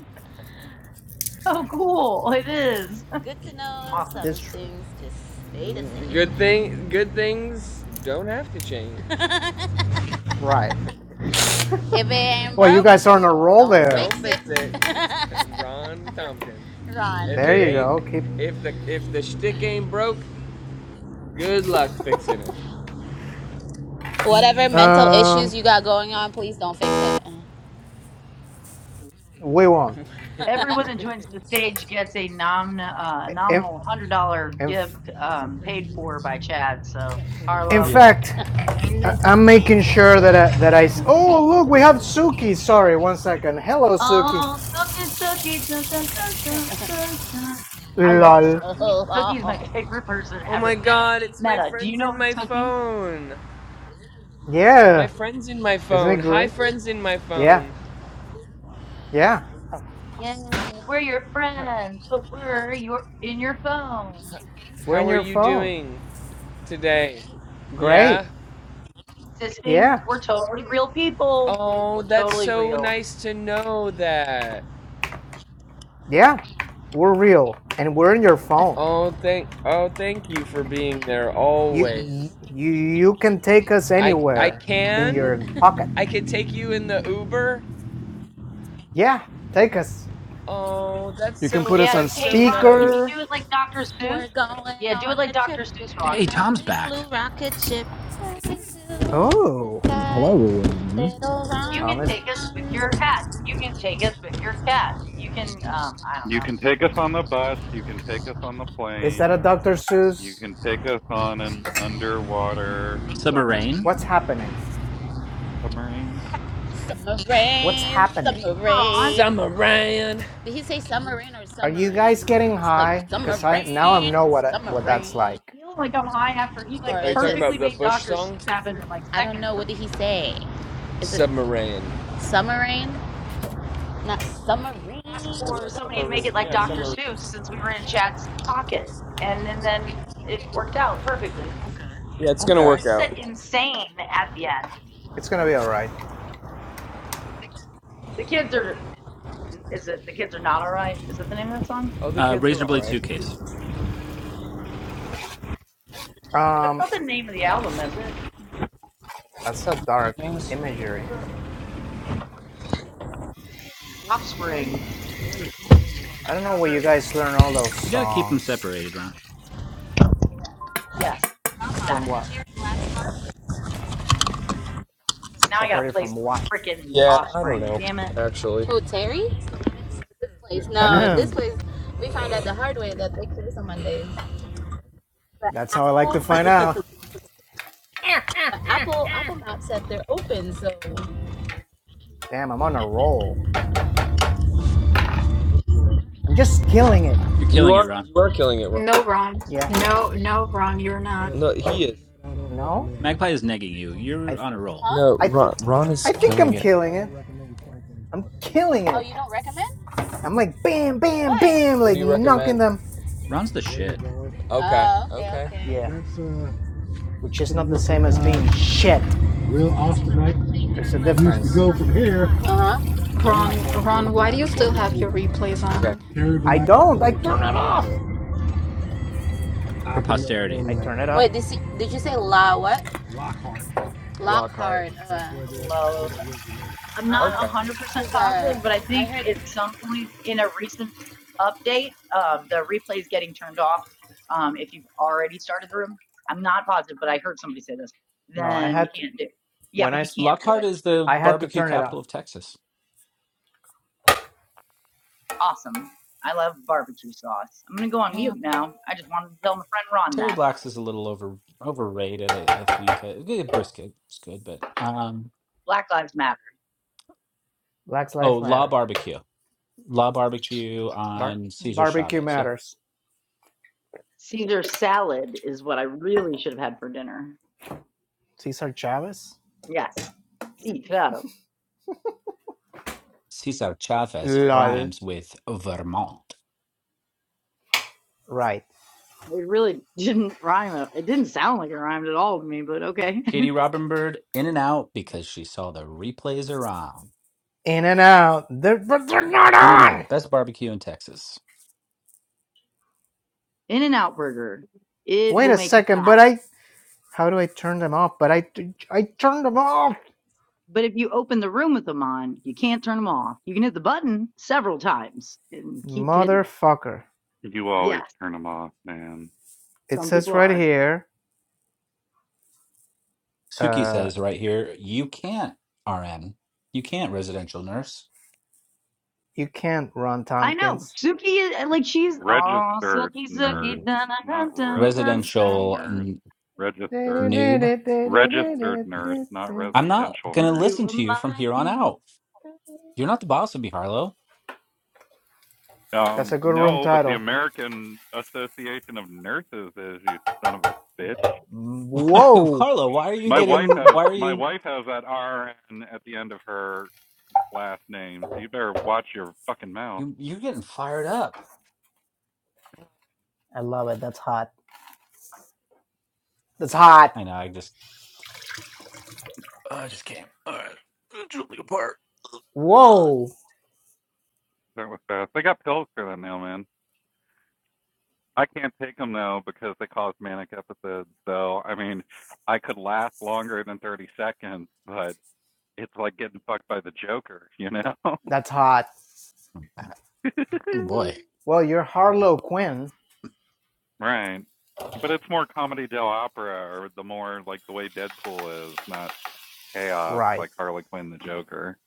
Speaker 3: Oh, cool. It is.
Speaker 4: good to know
Speaker 3: Awesome.
Speaker 4: some
Speaker 1: This true.
Speaker 4: things just stay the same. good thing good things don't have to change.
Speaker 1: Right.
Speaker 4: if it ain't
Speaker 1: Well, you
Speaker 4: broke,
Speaker 1: guys are on a roll
Speaker 4: Don't fix
Speaker 1: there.
Speaker 4: Don't fix it. it. Ron Thompson. Ron. If
Speaker 1: There
Speaker 4: it
Speaker 1: you
Speaker 4: ain't,
Speaker 1: go. Keep.
Speaker 4: if the if the shtick ain't broke, good luck fixing it. Whatever mental
Speaker 1: Um,
Speaker 4: issues you got going on, please don't fix it.
Speaker 1: we won't.
Speaker 3: Everyone that joins the stage gets a nom- uh,
Speaker 1: In,
Speaker 3: nominal $100
Speaker 1: in,
Speaker 3: gift um, paid for by Chad. So,
Speaker 1: in
Speaker 3: Harlow.
Speaker 4: Yeah.
Speaker 1: fact, I, am making sure that I, that I. s- Oh, look, we have Suki. Sorry, one second. Hello, Suki.
Speaker 3: Oh, Sookie, Sookie, dun, dun, dun, dun, dun, dun. I love
Speaker 1: Lol.
Speaker 3: Sookie.
Speaker 4: Oh
Speaker 3: Sookie is my
Speaker 4: Oh
Speaker 3: favorite person
Speaker 4: oh
Speaker 3: ever.
Speaker 4: my God! It's my
Speaker 3: Meta, do you
Speaker 4: friends
Speaker 3: know
Speaker 4: in my
Speaker 3: Sookie?
Speaker 4: phone. My
Speaker 1: Yeah,
Speaker 4: friends in my
Speaker 1: isn't it
Speaker 4: phone. Hi,
Speaker 1: great?
Speaker 4: friends in my
Speaker 1: Yeah,
Speaker 4: phone.
Speaker 1: yeah.
Speaker 3: Yeah, we're your friends, but we're your in your phone.
Speaker 1: We're
Speaker 4: How
Speaker 1: in
Speaker 4: are
Speaker 1: your
Speaker 4: you
Speaker 1: phone.
Speaker 4: doing today?
Speaker 1: Great.
Speaker 4: Yeah.
Speaker 3: Existing,
Speaker 1: Yeah,
Speaker 3: we're totally real people.
Speaker 4: Oh,
Speaker 3: We're
Speaker 4: that's
Speaker 3: totally
Speaker 4: so
Speaker 3: real.
Speaker 4: nice to know that.
Speaker 1: yeah. We're real, and we're in your phone.
Speaker 4: Oh, thank oh, thank you for being there
Speaker 1: You you
Speaker 4: always.
Speaker 1: you you can take us
Speaker 4: I I
Speaker 1: anywhere in your pocket.
Speaker 4: can? I can take you in the Uber?
Speaker 1: Yeah, take us.
Speaker 4: Oh, that's
Speaker 1: You can put
Speaker 4: so
Speaker 1: us
Speaker 3: Yeah,
Speaker 1: on
Speaker 4: that's
Speaker 3: hey
Speaker 4: so
Speaker 3: Ron, can you
Speaker 4: nice.
Speaker 1: speaker.
Speaker 3: do it like Dr. Seuss?
Speaker 4: We're going
Speaker 3: Yeah, do it
Speaker 4: on
Speaker 3: like
Speaker 4: a trip
Speaker 3: Dr. Seuss,
Speaker 4: in
Speaker 2: Hey,
Speaker 3: Ron.
Speaker 4: a
Speaker 2: Tom's
Speaker 4: big
Speaker 2: back.
Speaker 4: blue rocket ship. Flying to the
Speaker 1: Oh,
Speaker 4: sky,
Speaker 5: Hello, everyone.
Speaker 4: little
Speaker 3: You
Speaker 4: Ron
Speaker 3: can
Speaker 1: Thomas.
Speaker 3: take us with
Speaker 4: Ron.
Speaker 3: your hat. You can take us with your cat. You can, um, I
Speaker 8: You can take us on the bus, you can take us on the
Speaker 1: Is that
Speaker 8: plane,
Speaker 1: a Dr.
Speaker 8: you
Speaker 1: Seuss?
Speaker 8: can take us on an underwater
Speaker 2: Subarain.
Speaker 1: What's
Speaker 8: submarine.
Speaker 1: happening?
Speaker 8: Submarine?
Speaker 1: What's
Speaker 4: Submarine,
Speaker 1: happening?
Speaker 3: don't know. Ron.
Speaker 4: submarine. Summer Did he say submarine or
Speaker 1: Are you
Speaker 4: submarine?
Speaker 1: guys getting
Speaker 4: It's like
Speaker 1: high? Cause I now I
Speaker 4: submarine,
Speaker 1: know what I, what that's
Speaker 4: submarine.
Speaker 1: like.
Speaker 3: Feel like I'm high after he like
Speaker 4: Are you talking
Speaker 3: perfectly
Speaker 4: about the
Speaker 3: made
Speaker 4: Bush
Speaker 3: Dr.
Speaker 4: song?
Speaker 3: Seuss happen in like
Speaker 4: I don't
Speaker 3: second
Speaker 4: know.
Speaker 3: for
Speaker 4: What did
Speaker 3: me.
Speaker 4: he say? Is submarine. it Submarine. Not submarine.
Speaker 3: Asked for
Speaker 4: Yeah,
Speaker 3: somebody to make it
Speaker 4: submarine.
Speaker 3: like
Speaker 4: Yeah,
Speaker 3: Dr. Seuss
Speaker 4: submarine.
Speaker 3: since we were in Chad's pocket, and and then it worked out perfectly.
Speaker 4: Yeah, it's gonna
Speaker 1: Okay,
Speaker 4: work out.
Speaker 3: Said insane at the end.
Speaker 1: it's gonna be all right.
Speaker 3: The kids are. Is it the kids are not all right? Is that the name of that song?
Speaker 4: Oh, the
Speaker 2: Uh,
Speaker 4: kids were all
Speaker 2: Razorblade
Speaker 4: right.
Speaker 2: Suitcase.
Speaker 3: That's
Speaker 1: Um,
Speaker 3: not the name of the album, is it?
Speaker 1: that's a dark
Speaker 4: Things.
Speaker 1: imagery.
Speaker 3: Just Offspring.
Speaker 1: I don't know where
Speaker 3: Never.
Speaker 1: you guys
Speaker 3: Like,
Speaker 1: learn all those
Speaker 2: You gotta keep them
Speaker 1: songs
Speaker 2: separated, Ron.
Speaker 3: yes,
Speaker 1: from.
Speaker 3: exactly.
Speaker 1: What
Speaker 3: Being separate. Now I gotta
Speaker 1: separated
Speaker 3: play
Speaker 1: from
Speaker 3: some
Speaker 1: what?
Speaker 3: freaking
Speaker 4: Yeah, I don't
Speaker 3: Offspring.
Speaker 4: know.
Speaker 3: Damn it.
Speaker 4: Actually. Oh, Terry? This place. No, this
Speaker 1: that's
Speaker 4: place. We found out the hard way that they close on Mondays. But
Speaker 1: how I like to
Speaker 4: Apple,
Speaker 1: find out.
Speaker 4: but Apple, Apple Maps said they're open. So
Speaker 1: Damn, I'm on a roll. I'm just killing it.
Speaker 2: You're
Speaker 4: You
Speaker 2: killing it,
Speaker 4: are
Speaker 2: Ron.
Speaker 4: you are killing it, Ron.
Speaker 7: No, Ron.
Speaker 1: Yeah.
Speaker 7: No, no, Ron, you're not.
Speaker 4: No, he is. I don't
Speaker 1: No,
Speaker 4: recommend.
Speaker 2: Magpie is negging you.
Speaker 1: I
Speaker 2: You're
Speaker 1: th-
Speaker 2: on a roll.
Speaker 4: Huh? No,
Speaker 1: I think
Speaker 4: Ron, Ron is
Speaker 1: I think
Speaker 4: killing
Speaker 1: I'm
Speaker 4: it. I
Speaker 1: killing
Speaker 4: don't
Speaker 1: it.
Speaker 4: recommend cycling.
Speaker 1: I'm killing
Speaker 4: Oh,
Speaker 1: it.
Speaker 4: you don't recommend?
Speaker 1: I'm
Speaker 4: Yeah.
Speaker 1: like bam, bam,
Speaker 4: Why?
Speaker 1: bam,
Speaker 4: What do
Speaker 1: like
Speaker 4: you
Speaker 1: knocking
Speaker 4: recommend?
Speaker 1: them.
Speaker 2: Ron's the
Speaker 4: Where you're
Speaker 2: shit.
Speaker 4: going. Okay. Oh, okay, Okay. okay.
Speaker 1: Yeah,
Speaker 4: That's Uh
Speaker 1: which is not the same as
Speaker 4: where uh,
Speaker 1: being shit.
Speaker 4: Will
Speaker 1: There's a
Speaker 4: Osternick used to
Speaker 1: difference.
Speaker 4: go from here. Uh huh. The lot
Speaker 7: Ron,
Speaker 4: part to go to
Speaker 7: Ron, why do
Speaker 4: Black's
Speaker 7: you still have your
Speaker 4: barbecue.
Speaker 7: replays
Speaker 4: Okay.
Speaker 7: on?
Speaker 4: Terry
Speaker 1: I
Speaker 4: Black
Speaker 1: don't.
Speaker 4: for
Speaker 1: I
Speaker 4: the
Speaker 1: turn it
Speaker 4: family.
Speaker 1: off.
Speaker 4: So.
Speaker 2: For
Speaker 4: I can
Speaker 2: posterity.
Speaker 4: recommend
Speaker 1: I turn it
Speaker 4: that.
Speaker 1: off.
Speaker 4: Wait, did, you- did you say La what? Lockhart. Lockhart. That's Uh, That's where they're,
Speaker 3: love.
Speaker 4: they originated.
Speaker 3: I'm not
Speaker 4: um, Okay.
Speaker 3: 100%
Speaker 4: Cause uh,
Speaker 3: positive, but I
Speaker 4: I
Speaker 3: think
Speaker 4: heard
Speaker 3: at some point in a recent update, um, the replay is getting turned off. Um, if you've already started the room, I'm not positive, but I heard somebody say this.
Speaker 1: No, I
Speaker 3: Then you
Speaker 1: had to,
Speaker 3: can't do. it. Yeah,
Speaker 1: when I
Speaker 3: but you can't do
Speaker 2: Lockhart
Speaker 3: it.
Speaker 2: is the
Speaker 1: I had to
Speaker 2: barbecue
Speaker 1: turn it off.
Speaker 2: capital of Texas.
Speaker 3: Awesome. I love barbecue sauce. I'm gonna go on
Speaker 2: Man.
Speaker 3: mute now. I just wanted to tell my friend Ron
Speaker 2: Terry
Speaker 3: that
Speaker 2: Blacks is a little over overrated. I, I think uh, good brisket is good, but um,
Speaker 3: Black Lives Matter.
Speaker 1: Black
Speaker 2: oh,
Speaker 1: Lives
Speaker 2: La
Speaker 1: Matter.
Speaker 2: Barbecue, La Barbecue
Speaker 1: Bar-
Speaker 2: on Cesar
Speaker 1: barbecue
Speaker 2: Chavez. Yeah,
Speaker 1: matters.
Speaker 3: Caesar salad is what I really should have had for dinner.
Speaker 1: Cesar Chavez.
Speaker 3: Yes, Caesar.
Speaker 2: Cesar Chavez
Speaker 1: Lol.
Speaker 2: rhymes with Vermont.
Speaker 1: Right.
Speaker 3: It really didn't rhyme. It didn't sound like it rhymed at all to me, but okay.
Speaker 2: Katie Robinbird, In and Out because she saw the replays around.
Speaker 1: In and out. They're, but they're not
Speaker 2: In and
Speaker 1: on.
Speaker 2: Out, best barbecue in Texas.
Speaker 3: In-N-Out Burger, it
Speaker 1: Wait
Speaker 3: will
Speaker 1: a
Speaker 3: make you
Speaker 1: second. But
Speaker 3: fat.
Speaker 1: I. How do I turn them off? But I. I turned them off.
Speaker 3: But if you open the room with them on, you can't turn them off. You can hit the button several times and keep hitting it.
Speaker 1: Motherfucker.
Speaker 8: You always
Speaker 3: Yes,
Speaker 8: turn them off, man.
Speaker 1: It
Speaker 3: some
Speaker 1: says
Speaker 3: people
Speaker 1: right
Speaker 3: are.
Speaker 1: here.
Speaker 2: Suki
Speaker 1: Uh,
Speaker 2: says right here, you can't RN, you can't residential nurse,
Speaker 1: You can't, Ron
Speaker 3: I know.
Speaker 1: Tompkins.
Speaker 3: Suki is like she's oh
Speaker 8: Registered
Speaker 3: Suki
Speaker 8: nurse,
Speaker 3: Suki dun
Speaker 8: not
Speaker 3: dun dun dun dun.
Speaker 8: residential
Speaker 2: residential
Speaker 8: nurse.
Speaker 2: n-
Speaker 8: Registered.
Speaker 1: That's
Speaker 2: noob.
Speaker 8: Registered nurse, not
Speaker 2: I'm not
Speaker 8: residential
Speaker 3: If
Speaker 2: gonna
Speaker 8: nurse.
Speaker 3: you
Speaker 2: listen
Speaker 3: were
Speaker 2: to you from
Speaker 3: my
Speaker 2: here on
Speaker 3: kid.
Speaker 2: out. You're not the boss of me, Harlow.
Speaker 8: Um,
Speaker 1: a good room
Speaker 8: no, but the
Speaker 1: title.
Speaker 8: American Association of Nurses is, you son of a bitch.
Speaker 1: Whoa!
Speaker 2: Harlow, why are you
Speaker 8: My wife
Speaker 2: getting?
Speaker 8: has
Speaker 2: Why are
Speaker 8: my
Speaker 2: you?
Speaker 8: wife has that RN at the end of her last names. You better watch your fucking mouth.
Speaker 2: You you're getting fired up.
Speaker 1: I love it. That's hot. That's hot.
Speaker 2: I know. I just. I just came. All right, it drew me apart. Ugh.
Speaker 1: Whoa!
Speaker 8: That was fast. They got pills for that now, man. I can't take them though because they cause manic episodes. So I mean, I could last longer than thirty seconds, but it's like getting fucked by the Joker, you know?
Speaker 1: That's hot.
Speaker 2: Oh boy.
Speaker 1: Well, you're Harlow Quinn.
Speaker 8: right. But it's more comedy del opera, or the more like the way Deadpool is, not chaos
Speaker 1: Right.
Speaker 8: like Harley Quinn the Joker.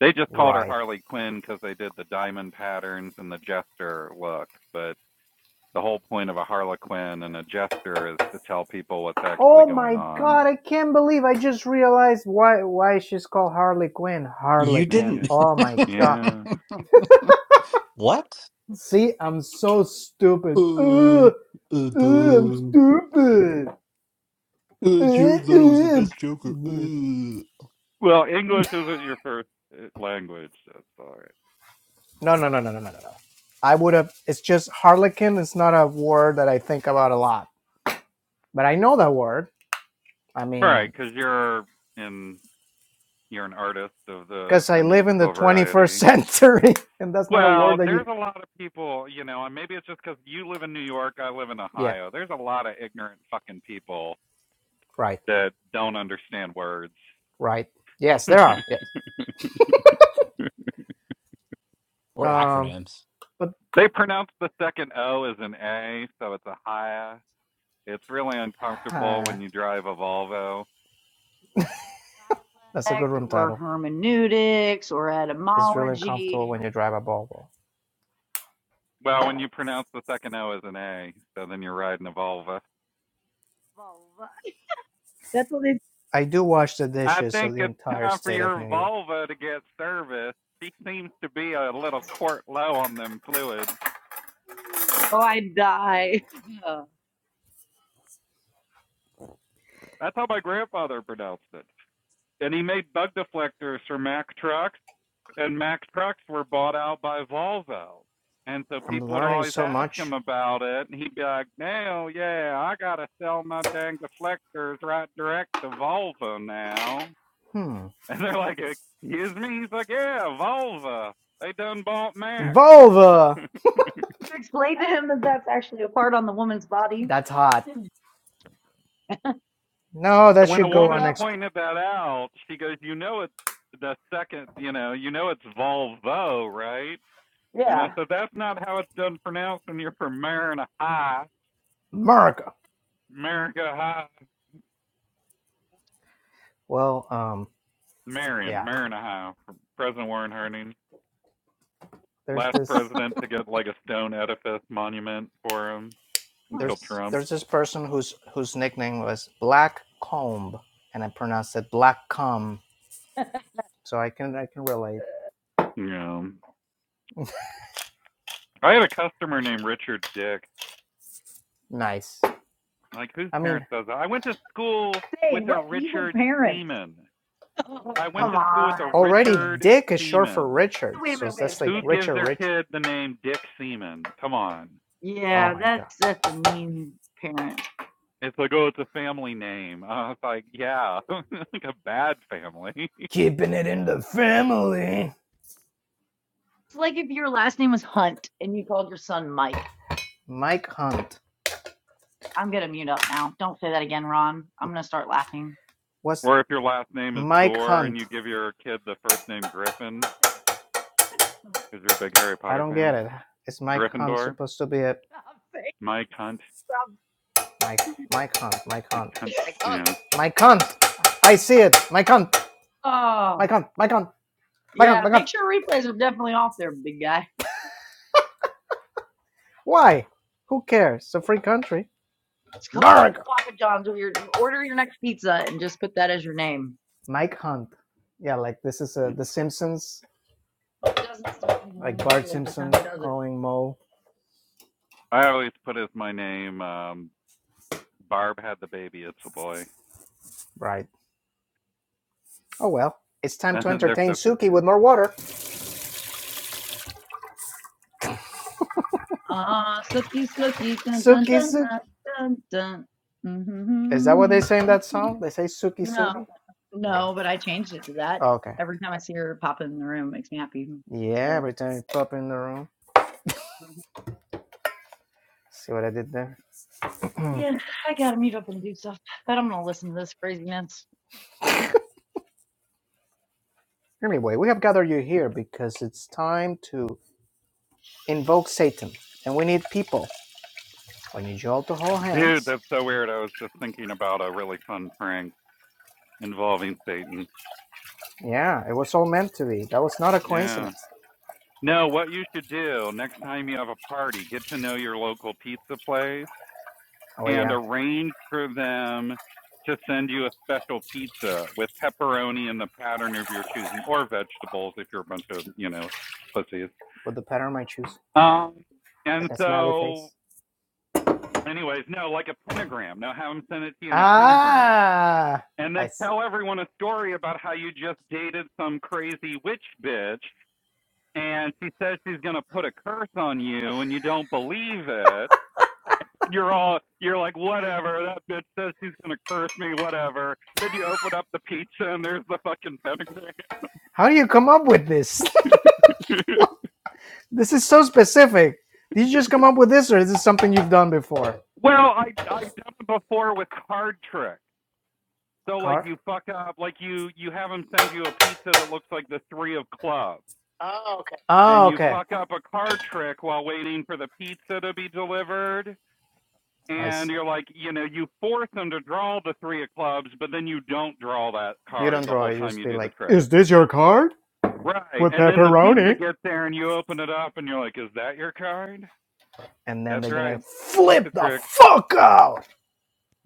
Speaker 8: They just called her
Speaker 1: Right.
Speaker 8: Harley Quinn because they did the diamond patterns and the jester look, but the whole point of a harlequin and a jester is to tell people what's actually
Speaker 1: Oh
Speaker 8: going
Speaker 1: my
Speaker 8: on.
Speaker 1: god, I can't believe I just realized why why she's called Harley Quinn.
Speaker 2: You
Speaker 1: Harlequin.
Speaker 8: Yeah.
Speaker 2: didn't.
Speaker 1: Oh my god.
Speaker 8: Yeah.
Speaker 2: what?
Speaker 1: See, I'm so stupid.
Speaker 2: Uh,
Speaker 1: Ugh,
Speaker 2: uh,
Speaker 1: ugh, I'm
Speaker 2: boo.
Speaker 1: stupid.
Speaker 2: uh, Jared Leto was the
Speaker 1: Ugh,
Speaker 2: best Joker.
Speaker 1: ugh.
Speaker 2: Uh.
Speaker 8: Well, English isn't your first uh, language. That's all right.
Speaker 1: No, no, no, no, no, no, no. no. I would have. It's just harlequin. It's not a word that I think about a lot, but I know that word. I
Speaker 8: All right,
Speaker 1: mean,
Speaker 8: because you're in you're an artist of the
Speaker 1: because
Speaker 8: the
Speaker 1: I live in the
Speaker 8: musical
Speaker 1: 21st
Speaker 8: variety.
Speaker 1: century, and that's not a
Speaker 8: Well,
Speaker 1: word that
Speaker 8: there's
Speaker 1: you.
Speaker 8: a lot of people, you know, and maybe it's just because you live in New York, I live in
Speaker 1: Yeah,
Speaker 8: Ohio. There's a lot of ignorant fucking people
Speaker 1: right,
Speaker 8: that don't understand words.
Speaker 1: right. Yes, there are. Yes.
Speaker 2: Or
Speaker 1: Um,
Speaker 2: acronyms?
Speaker 1: but
Speaker 8: They pronounce the second O as an A, so it's a higher. It's really uncomfortable
Speaker 1: uh,
Speaker 8: when you drive a Volvo.
Speaker 1: that's a good
Speaker 3: Dialect
Speaker 1: room
Speaker 3: or
Speaker 1: title.
Speaker 3: hermeneutics or
Speaker 1: It's really uncomfortable
Speaker 3: etymology.
Speaker 1: when you drive a Volvo.
Speaker 8: Well, when you pronounce the second O as an A, so then you're riding a Volvo.
Speaker 3: That's what they.
Speaker 1: I do wash the
Speaker 8: I
Speaker 1: dishes of
Speaker 8: think
Speaker 1: the
Speaker 8: it's
Speaker 1: entire
Speaker 8: time for
Speaker 1: state of
Speaker 8: your
Speaker 1: New York.
Speaker 8: Volvo to get serviced. She seems to be a little quart low on them fluids.
Speaker 3: Oh, I die.
Speaker 8: That's how my grandfather pronounced it. And he made bug deflectors for Mack trucks. and Mack Trucks were bought out by Volvo. And so
Speaker 1: I'm
Speaker 8: people would
Speaker 1: learning
Speaker 8: always
Speaker 1: so
Speaker 8: ask
Speaker 1: much.
Speaker 8: him about it, and he'd be like, "No, yeah, I gotta sell my dang deflectors right direct to Volvo now."
Speaker 1: Hmm.
Speaker 8: And they're like, "Excuse me?" He's like, "Yeah, Volvo. They done bought Mack."
Speaker 1: Volvo.
Speaker 8: and
Speaker 3: You explained to him that that's actually a part on the woman's body.
Speaker 1: That's hot. No, that
Speaker 8: when a
Speaker 1: should go
Speaker 8: woman
Speaker 3: Uh,
Speaker 1: unexplained.
Speaker 8: pointed that out, she goes, "You know it's the second, you know, you know it's Volvo, right?" And I
Speaker 3: Yeah.
Speaker 8: said, "That's not how it's done pronounced when you're from Marina High,
Speaker 1: America.
Speaker 8: America High."
Speaker 1: Well, um,
Speaker 8: Marion,
Speaker 1: yeah.
Speaker 8: Marion, Ohio. for President Warren Harding,
Speaker 1: There's
Speaker 8: last
Speaker 1: this
Speaker 8: president to get like a stone edifice monument for him until
Speaker 1: there's
Speaker 2: Nice.
Speaker 8: Trump.
Speaker 1: there's this person whose whose nickname was Black Comb, and I pronounced it Black Comb. So I can I can relate.
Speaker 8: Yeah. I had a customer named Richard Dick.
Speaker 1: Nice.
Speaker 8: Like, whose
Speaker 1: I mean,
Speaker 8: parents does that? I went to school
Speaker 3: Say,
Speaker 8: with a
Speaker 3: what evil
Speaker 8: Richard
Speaker 3: parents?
Speaker 8: Seaman. I went
Speaker 1: I'm
Speaker 3: come
Speaker 8: to school with a
Speaker 3: on.
Speaker 1: already
Speaker 8: Richard
Speaker 1: Dick is short for
Speaker 8: Seaman.
Speaker 1: Richard,
Speaker 3: Wait a
Speaker 1: so
Speaker 3: minute, wait a
Speaker 1: that's
Speaker 3: minute,
Speaker 1: like
Speaker 8: Who
Speaker 3: wait a
Speaker 8: gives
Speaker 1: Richard
Speaker 8: their
Speaker 1: Rich.
Speaker 8: kid the name Dick Seaman? Come on.
Speaker 3: minute.
Speaker 1: Oh
Speaker 3: Yeah,
Speaker 1: my god.
Speaker 3: that's that's a mean parent.
Speaker 8: It's like, oh, it's a family name. Uh, it's like, yeah, like a bad family.
Speaker 1: Keeping it in the family.
Speaker 3: It's like if your last name was Hunt and you called your son Mike.
Speaker 1: Mike Hunt.
Speaker 3: I'm gonna mute up now. Don't say that again, Ron. I'm gonna start laughing.
Speaker 1: What's
Speaker 8: Or if your last name is
Speaker 1: Mike
Speaker 8: Door and
Speaker 1: Hunt?
Speaker 8: you give your kid the first name
Speaker 3: Ron,
Speaker 8: Griffin
Speaker 3: Stop saying
Speaker 8: because you're a big Harry
Speaker 1: I
Speaker 8: Potter
Speaker 1: don't
Speaker 8: fan.
Speaker 1: get it. Is Mike Hunt
Speaker 8: Gryffindor.
Speaker 1: supposed to be a
Speaker 3: that. Stop saying
Speaker 8: My cunt.
Speaker 3: stop.
Speaker 1: Mike Mike Hunt? Mike
Speaker 8: My
Speaker 1: Hunt.
Speaker 8: cunt.
Speaker 2: I'm.
Speaker 8: Yeah.
Speaker 1: Mike Hunt. I see it. Mike Hunt.
Speaker 3: Oh
Speaker 1: Bacon, bacon, bacon,
Speaker 3: yeah,
Speaker 1: bacon.
Speaker 3: make sure replays are definitely off there, big guy.
Speaker 1: Why? Who cares? It's a free country.
Speaker 3: Just call up to
Speaker 1: Dark.
Speaker 3: Papa John's or your order your next pizza and just put that as your name.
Speaker 1: Mike Hunt. Yeah, like this is uh,
Speaker 8: Mm.
Speaker 1: The Simpsons,
Speaker 3: He doesn't stop me
Speaker 1: like
Speaker 3: when you
Speaker 1: Bart
Speaker 3: every
Speaker 1: Simpson
Speaker 3: time he does it.
Speaker 1: calling Mo.
Speaker 8: I always put as my name, um, Barb had the baby, it's a boy.
Speaker 1: Right. Oh well. It's time to
Speaker 8: And they're
Speaker 1: entertain
Speaker 8: so
Speaker 1: Suki with
Speaker 8: confused.
Speaker 1: more water.
Speaker 3: Ah, snooky, snooky, dun dun
Speaker 1: Suki,
Speaker 3: dun
Speaker 1: Suki.
Speaker 3: dun dun
Speaker 1: Is that what they
Speaker 3: dun.
Speaker 1: say in that song? They say Suki,
Speaker 3: No,
Speaker 1: Suki.
Speaker 3: no, but I changed it to that.
Speaker 1: Oh, okay.
Speaker 3: Every time I see her pop in the room, it makes me happy.
Speaker 1: Yeah,
Speaker 3: So
Speaker 1: every time you pop in the room. See what I did there?
Speaker 3: yeah, I gotta meet up and do stuff, but I'm gonna listen to this craziness.
Speaker 1: anyway, we have gathered you here because it's time to invoke Satan. And we need people. I need you all to hold
Speaker 8: Dude,
Speaker 1: hands
Speaker 8: that's so weird. I was just thinking about a really fun prank involving Satan.
Speaker 1: Yeah, it was all meant to be. That was not a
Speaker 8: Yeah.
Speaker 1: coincidence.
Speaker 8: No, what you should do next time you have a party, get to know your local pizza place
Speaker 1: Oh
Speaker 8: and
Speaker 1: yeah,
Speaker 8: arrange for them to send you a special pizza with pepperoni in the pattern of your choosing or vegetables if you're a bunch of, you know, pussies.
Speaker 1: with the pattern on my shoes,
Speaker 8: Um, and
Speaker 1: like a smiley
Speaker 8: so,
Speaker 1: face.
Speaker 8: anyways, no, like a pentagram. Now have them send it to you in a pentagram.
Speaker 1: Ah,
Speaker 8: And
Speaker 1: I.
Speaker 8: then
Speaker 1: s-
Speaker 8: tell everyone a story about how you just dated some crazy witch bitch and she says she's going to put a curse on you and you don't believe it you're all you're like whatever that bitch says she's gonna curse me whatever then you open up the pizza and there's the fucking pentagram
Speaker 1: How do you come up with this? this is so specific. Did you just come up with this, or is this something you've done before?
Speaker 8: well i i've done it before with card tricks so like
Speaker 1: Card.
Speaker 8: you fuck up like you you have them send you a pizza that looks like the three of clubs
Speaker 2: Oh, okay.
Speaker 8: and
Speaker 1: Oh,
Speaker 8: you
Speaker 1: okay.
Speaker 8: fuck up a card trick while waiting for the pizza to be delivered
Speaker 1: I
Speaker 8: and
Speaker 1: see.
Speaker 8: you're like you know you force them to draw the three of clubs but then you don't draw that
Speaker 1: You
Speaker 8: card
Speaker 1: don't
Speaker 8: the
Speaker 1: draw.
Speaker 8: whole
Speaker 1: You
Speaker 8: time
Speaker 1: just
Speaker 8: you
Speaker 1: be
Speaker 8: do the
Speaker 1: like,
Speaker 8: trick
Speaker 1: "Is this your card
Speaker 8: Right.
Speaker 1: with
Speaker 8: And then the pizza
Speaker 1: pepperoni?"
Speaker 8: gets there and you open it up and you're like, is that your card?
Speaker 1: And then
Speaker 8: That's
Speaker 1: they're gonna
Speaker 8: right.
Speaker 1: flip
Speaker 8: Pizza
Speaker 1: the
Speaker 8: trick.
Speaker 1: fuck out.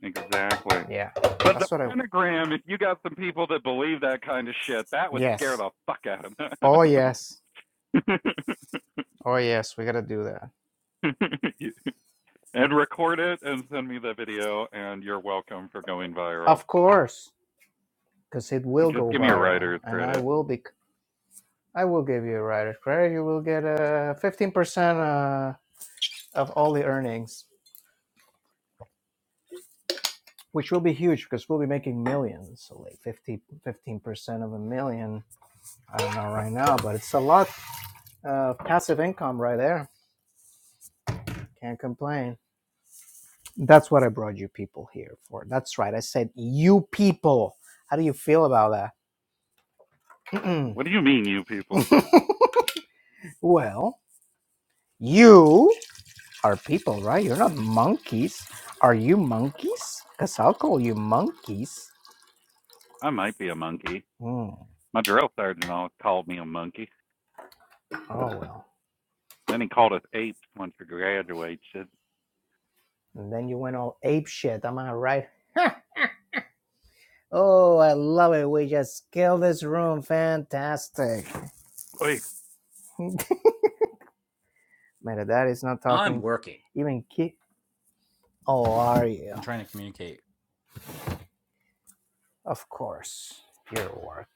Speaker 8: Exactly.
Speaker 1: Yeah,
Speaker 8: But the
Speaker 1: that's what I.
Speaker 8: pentagram, if you got some people that believe that kind of shit, that would scare
Speaker 1: Yes.
Speaker 8: the fuck out of
Speaker 1: Oh yes.
Speaker 8: them.
Speaker 1: Oh yes. We gotta do that.
Speaker 8: and record it and send me the video, and you're welcome for going viral.
Speaker 1: Of course. because it will
Speaker 8: Just
Speaker 1: go
Speaker 8: give me a
Speaker 1: viral,
Speaker 8: writer's
Speaker 1: and I
Speaker 8: credit.
Speaker 1: will be. I will give you a writer's credit. You will get a uh, fifteen percent uh, of all the earnings, which will be huge because we'll be making millions. So like fifty, fifteen percent of a million. I don't know right now, but it's a lot of passive income right there. Can't complain. That's what I brought you people here for. That's right. I said you people. How do you feel about that?
Speaker 8: What do you mean, you people?
Speaker 1: well, you. are people, right? You're not monkeys. Are you monkeys? Because I'll call you monkeys.
Speaker 8: I might be a monkey.
Speaker 1: Hmm.
Speaker 8: My drill sergeant always called me a monkey.
Speaker 1: Oh, well.
Speaker 8: Then he called us apes once we graduated.
Speaker 1: And then you went all ape shit. Am I right? Oh, I love it. We just killed this room. Fantastic.
Speaker 8: Oy.
Speaker 1: Metadata is not
Speaker 2: I'm
Speaker 1: talking
Speaker 2: working.
Speaker 1: even ki. Oh, are you?
Speaker 2: I'm trying to communicate.
Speaker 1: Of course. Your work.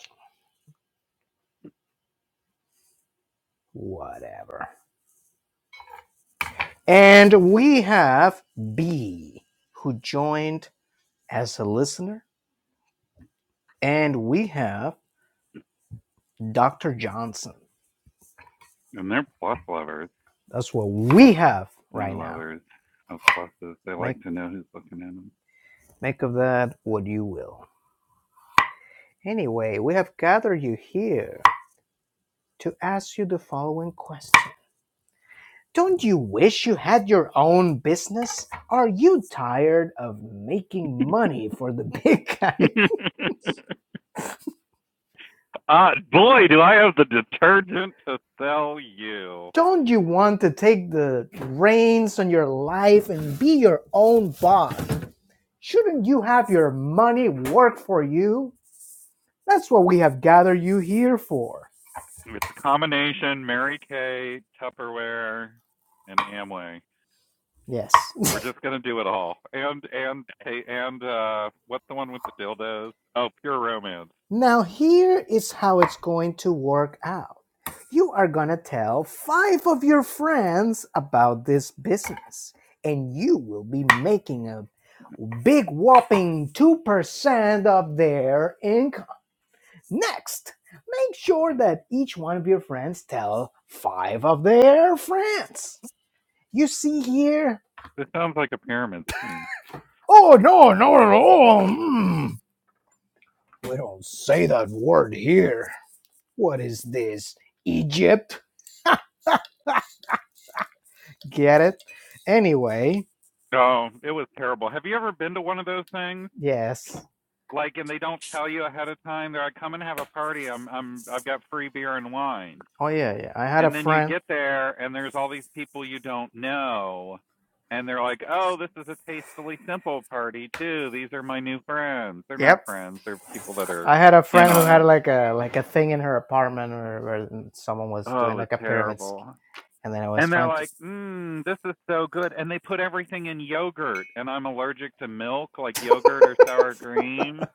Speaker 1: Whatever. And we have B, who joined as a listener. And we have Dr. Johnson
Speaker 8: And they're plus lovers.
Speaker 1: That's what we have
Speaker 8: They're
Speaker 1: right now.
Speaker 8: lovers of pluses. They
Speaker 1: Make
Speaker 8: like to know who's looking
Speaker 1: make of that what you will. Anyway, we have gathered you here to ask you the following question. Don't you wish you had your own business? Are you tired of making money for the big
Speaker 8: at them.
Speaker 1: guy?
Speaker 8: uh, boy, do I have the detergent to sell you.
Speaker 1: Don't you want to take the reins on your life and be your own boss? Shouldn't you have your money work for you? That's what we have gathered you here for.
Speaker 8: It's a combination Mary Kay, Tupperware, and Amway.
Speaker 1: Yes.
Speaker 8: We're just gonna do it all. And and and uh, what's the one with the dildos? Oh, pure romance.
Speaker 1: Now, here is how it's going to work out. You are going to tell five of your friends about this business, and you will be making a big whopping 2% of their income. Next, make sure that each one of your friends tell five of their friends. You see here?
Speaker 8: This sounds like a pyramid scheme.
Speaker 1: Oh, no, no, no. no, Mm. We don't say that word here. What is this? Egypt? Get it? Anyway,
Speaker 8: Oh, it was terrible. Have you ever been to one of those things?
Speaker 1: yes.
Speaker 8: like and they don't tell you ahead of time they're like come and have a party i'm i'm i've got free beer and wine
Speaker 1: Oh yeah, yeah. I had a
Speaker 8: and then you
Speaker 1: friend.
Speaker 8: get there and there's all these people you don't know and they're like oh this is a tastefully simple party too these are my new friends they're not
Speaker 1: Yep,
Speaker 8: friends they're people that are
Speaker 1: I had a
Speaker 8: in
Speaker 1: friend who
Speaker 8: on
Speaker 1: had
Speaker 8: it
Speaker 1: like a like a thing in her apartment where, where someone was
Speaker 8: oh it
Speaker 1: doing
Speaker 8: was
Speaker 1: like a pyramid
Speaker 8: terrible
Speaker 1: scheme, and then I was
Speaker 8: and they're
Speaker 1: trying to.
Speaker 8: like mm this is so good and they put everything in yogurt and i'm allergic to milk like yogurt or sour cream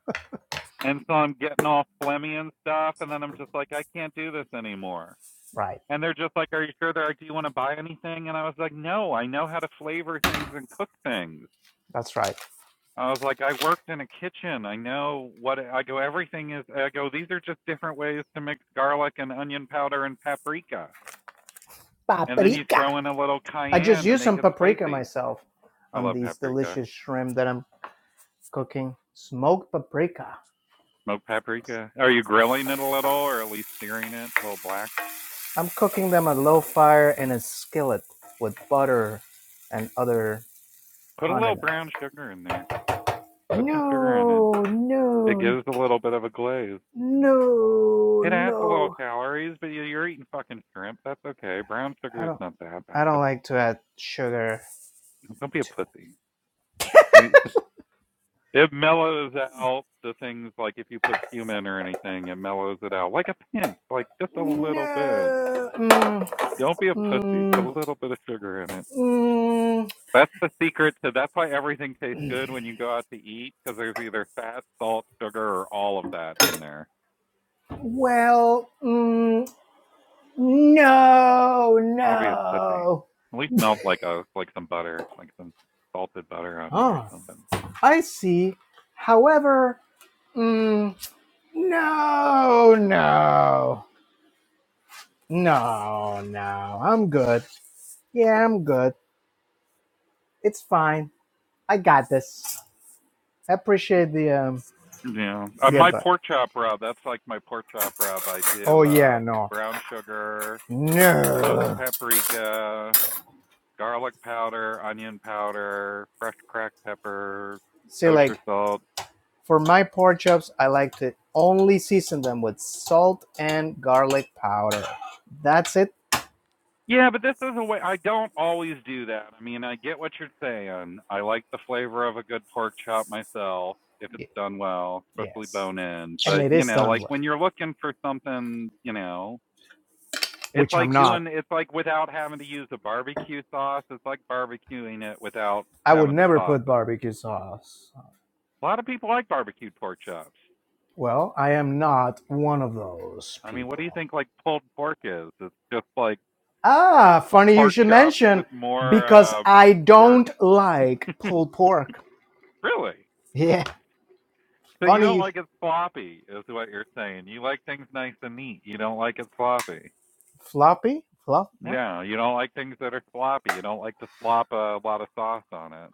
Speaker 8: And so I'm getting all phlegmy and stuff, and then I'm just like, I can't do this anymore.
Speaker 1: Right,
Speaker 8: And they're just like, Are you sure? They're like, Do you want to buy anything? And I was like, No, I know how to flavor things and cook things.
Speaker 1: that's right.
Speaker 8: I was like, I worked in a kitchen. I know what I go. Everything is. I go. These are just different ways to mix garlic and onion powder and paprika, and then you
Speaker 1: Paprika.
Speaker 8: throw in a little
Speaker 1: I just
Speaker 8: cayenne to
Speaker 1: used
Speaker 8: make
Speaker 1: some
Speaker 8: it
Speaker 1: paprika
Speaker 8: spicy.
Speaker 1: myself
Speaker 8: I
Speaker 1: on
Speaker 8: love
Speaker 1: these
Speaker 8: paprika.
Speaker 1: delicious shrimp that I'm cooking. Smoked paprika.
Speaker 8: Smoked paprika. Are you grilling it a little, or at least searing it a little black?
Speaker 1: I'm cooking them at low fire in a skillet with butter and other
Speaker 8: Put a little
Speaker 1: condiments.
Speaker 8: brown sugar in there. Put some sugar in it.
Speaker 1: No,
Speaker 8: It
Speaker 1: no,
Speaker 8: gives a little bit of a glaze.
Speaker 1: No,
Speaker 8: It adds a little
Speaker 1: no,
Speaker 8: calories, but you- are eating fucking shrimp. That's okay. Brown sugar
Speaker 1: I
Speaker 8: is
Speaker 1: don't
Speaker 8: not that
Speaker 1: I don't
Speaker 8: bad.
Speaker 1: like to add sugar
Speaker 8: Don't be a
Speaker 1: to
Speaker 8: pussy. You, it mellows out the things like if you put cumin or anything, it mellows it out like a pinch, like just a little bit.
Speaker 1: no. Mm,
Speaker 8: Don't be a pussy. Put a
Speaker 1: mm,
Speaker 8: little bit of sugar in it.
Speaker 1: mm.
Speaker 8: That's the secret to. That's why everything tastes good when you go out to eat, because there's either fat, salt, sugar, or all of that in there.
Speaker 1: Well, mm, no,
Speaker 8: Oh, Don't be a pussy.
Speaker 1: no.
Speaker 8: At least melt like a like some butter, like some salted butter on it or
Speaker 1: Oh,
Speaker 8: something.
Speaker 1: I see. However, Mm, no, no. no, no, I'm good. Yeah, I'm good. It's fine. I got this. I appreciate the um
Speaker 8: Yeah. Uh,
Speaker 1: the
Speaker 8: my
Speaker 1: advice.
Speaker 8: pork chop rub, that's like my pork chop rub. I
Speaker 1: Oh
Speaker 8: do
Speaker 1: yeah,
Speaker 8: uh
Speaker 1: no,
Speaker 8: brown sugar, smoked
Speaker 1: No.
Speaker 8: paprika, garlic powder, onion powder, fresh cracked pepper,
Speaker 1: See, like
Speaker 8: kosher salt,
Speaker 1: for my pork chops, I like to only season them with salt and garlic powder. That's it.
Speaker 8: Yeah, but this is a way I don't always do that. I mean, I get what you're saying. I like the flavor of a good pork chop myself if it's done well, especially
Speaker 1: Yes.
Speaker 8: bone in.
Speaker 1: And
Speaker 8: But,
Speaker 1: it
Speaker 8: you
Speaker 1: is
Speaker 8: know,
Speaker 1: done
Speaker 8: like
Speaker 1: with,
Speaker 8: when you're looking for something, you know, it's
Speaker 1: which I'm
Speaker 8: like
Speaker 1: not.
Speaker 8: doing it's like without having to use a barbecue sauce. It's like barbecuing it without
Speaker 1: I would
Speaker 8: having to
Speaker 1: never
Speaker 8: sauce
Speaker 1: put
Speaker 8: it.
Speaker 1: barbecue sauce.
Speaker 8: A lot of people like barbecued pork chops.
Speaker 1: Well, I am not one of those
Speaker 8: I mean, what do you
Speaker 1: people.
Speaker 8: think like pulled pork is? It's just like
Speaker 1: Ah, funny you
Speaker 8: pork
Speaker 1: should
Speaker 8: chops with
Speaker 1: mention
Speaker 8: more
Speaker 1: because
Speaker 8: uh
Speaker 1: I
Speaker 8: work.
Speaker 1: don't like pulled pork.
Speaker 8: really?
Speaker 1: Yeah.
Speaker 8: So you
Speaker 1: Funny
Speaker 8: don't
Speaker 1: you. Sh-
Speaker 8: like it sloppy, is what you're saying. You like things nice and neat. You don't like it sloppy.
Speaker 1: Floppy? Flop? What?
Speaker 8: Yeah, you don't like things that are sloppy. You don't like to slop a lot of sauce on it.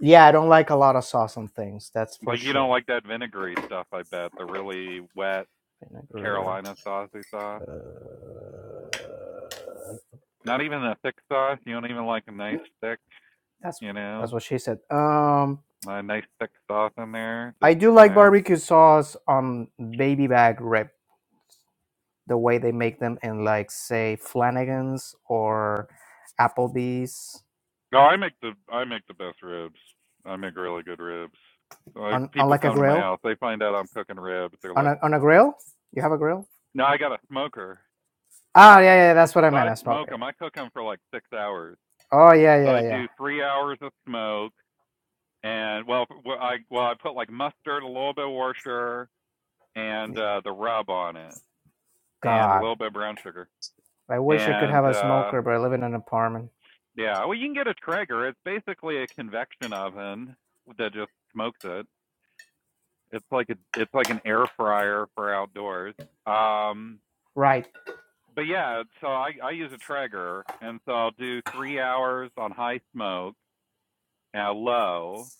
Speaker 1: Yeah, I don't like a lot of sauce on things. That's for
Speaker 8: But you don't
Speaker 1: sure.
Speaker 8: like that vinegary stuff, I bet. The really wet
Speaker 1: Vinegar.
Speaker 8: Carolina saucy sauce. Not even a thick sauce. You don't even like a nice thick,
Speaker 1: That's
Speaker 8: you
Speaker 1: that's
Speaker 8: know,
Speaker 1: what she said. Um,
Speaker 8: a nice thick sauce in there. Just,
Speaker 1: I do
Speaker 8: you
Speaker 1: like
Speaker 8: know.
Speaker 1: barbecue sauce on baby back rib. The way they make them in like say Flanagan's or Applebee's
Speaker 8: No, I make the I make the best ribs. I make really good ribs. Like
Speaker 1: on, on
Speaker 8: people
Speaker 1: like a
Speaker 8: come to my
Speaker 1: grill
Speaker 8: house, they find out I'm cooking ribs. They're like
Speaker 1: on a on a grill. You have a grill?
Speaker 8: No, I got a smoker.
Speaker 1: Ah, yeah, yeah. That's what I
Speaker 8: So
Speaker 1: meant.
Speaker 8: I
Speaker 1: A
Speaker 8: smoke
Speaker 1: smoker.
Speaker 8: them. I cook them for like six hours.
Speaker 1: yeah. Oh, yeah,
Speaker 8: So
Speaker 1: yeah,
Speaker 8: I
Speaker 1: yeah.
Speaker 8: do three hours of smoke, and well, I well I put like mustard, a little bit of Worcester, and
Speaker 1: yeah.
Speaker 8: uh, the rub on it, and a
Speaker 1: God,
Speaker 8: little bit of brown sugar,
Speaker 1: I wish I could have
Speaker 8: and
Speaker 1: a
Speaker 8: uh,
Speaker 1: smoker, but I live in an apartment.
Speaker 8: yeah, well you can get a Traeger. It's basically a convection oven that just smokes it. It's like a it's like an air fryer for outdoors. Um,
Speaker 1: Right.
Speaker 8: but yeah, so I I use a Traeger, and so I'll do three hours on high smoke uh, low,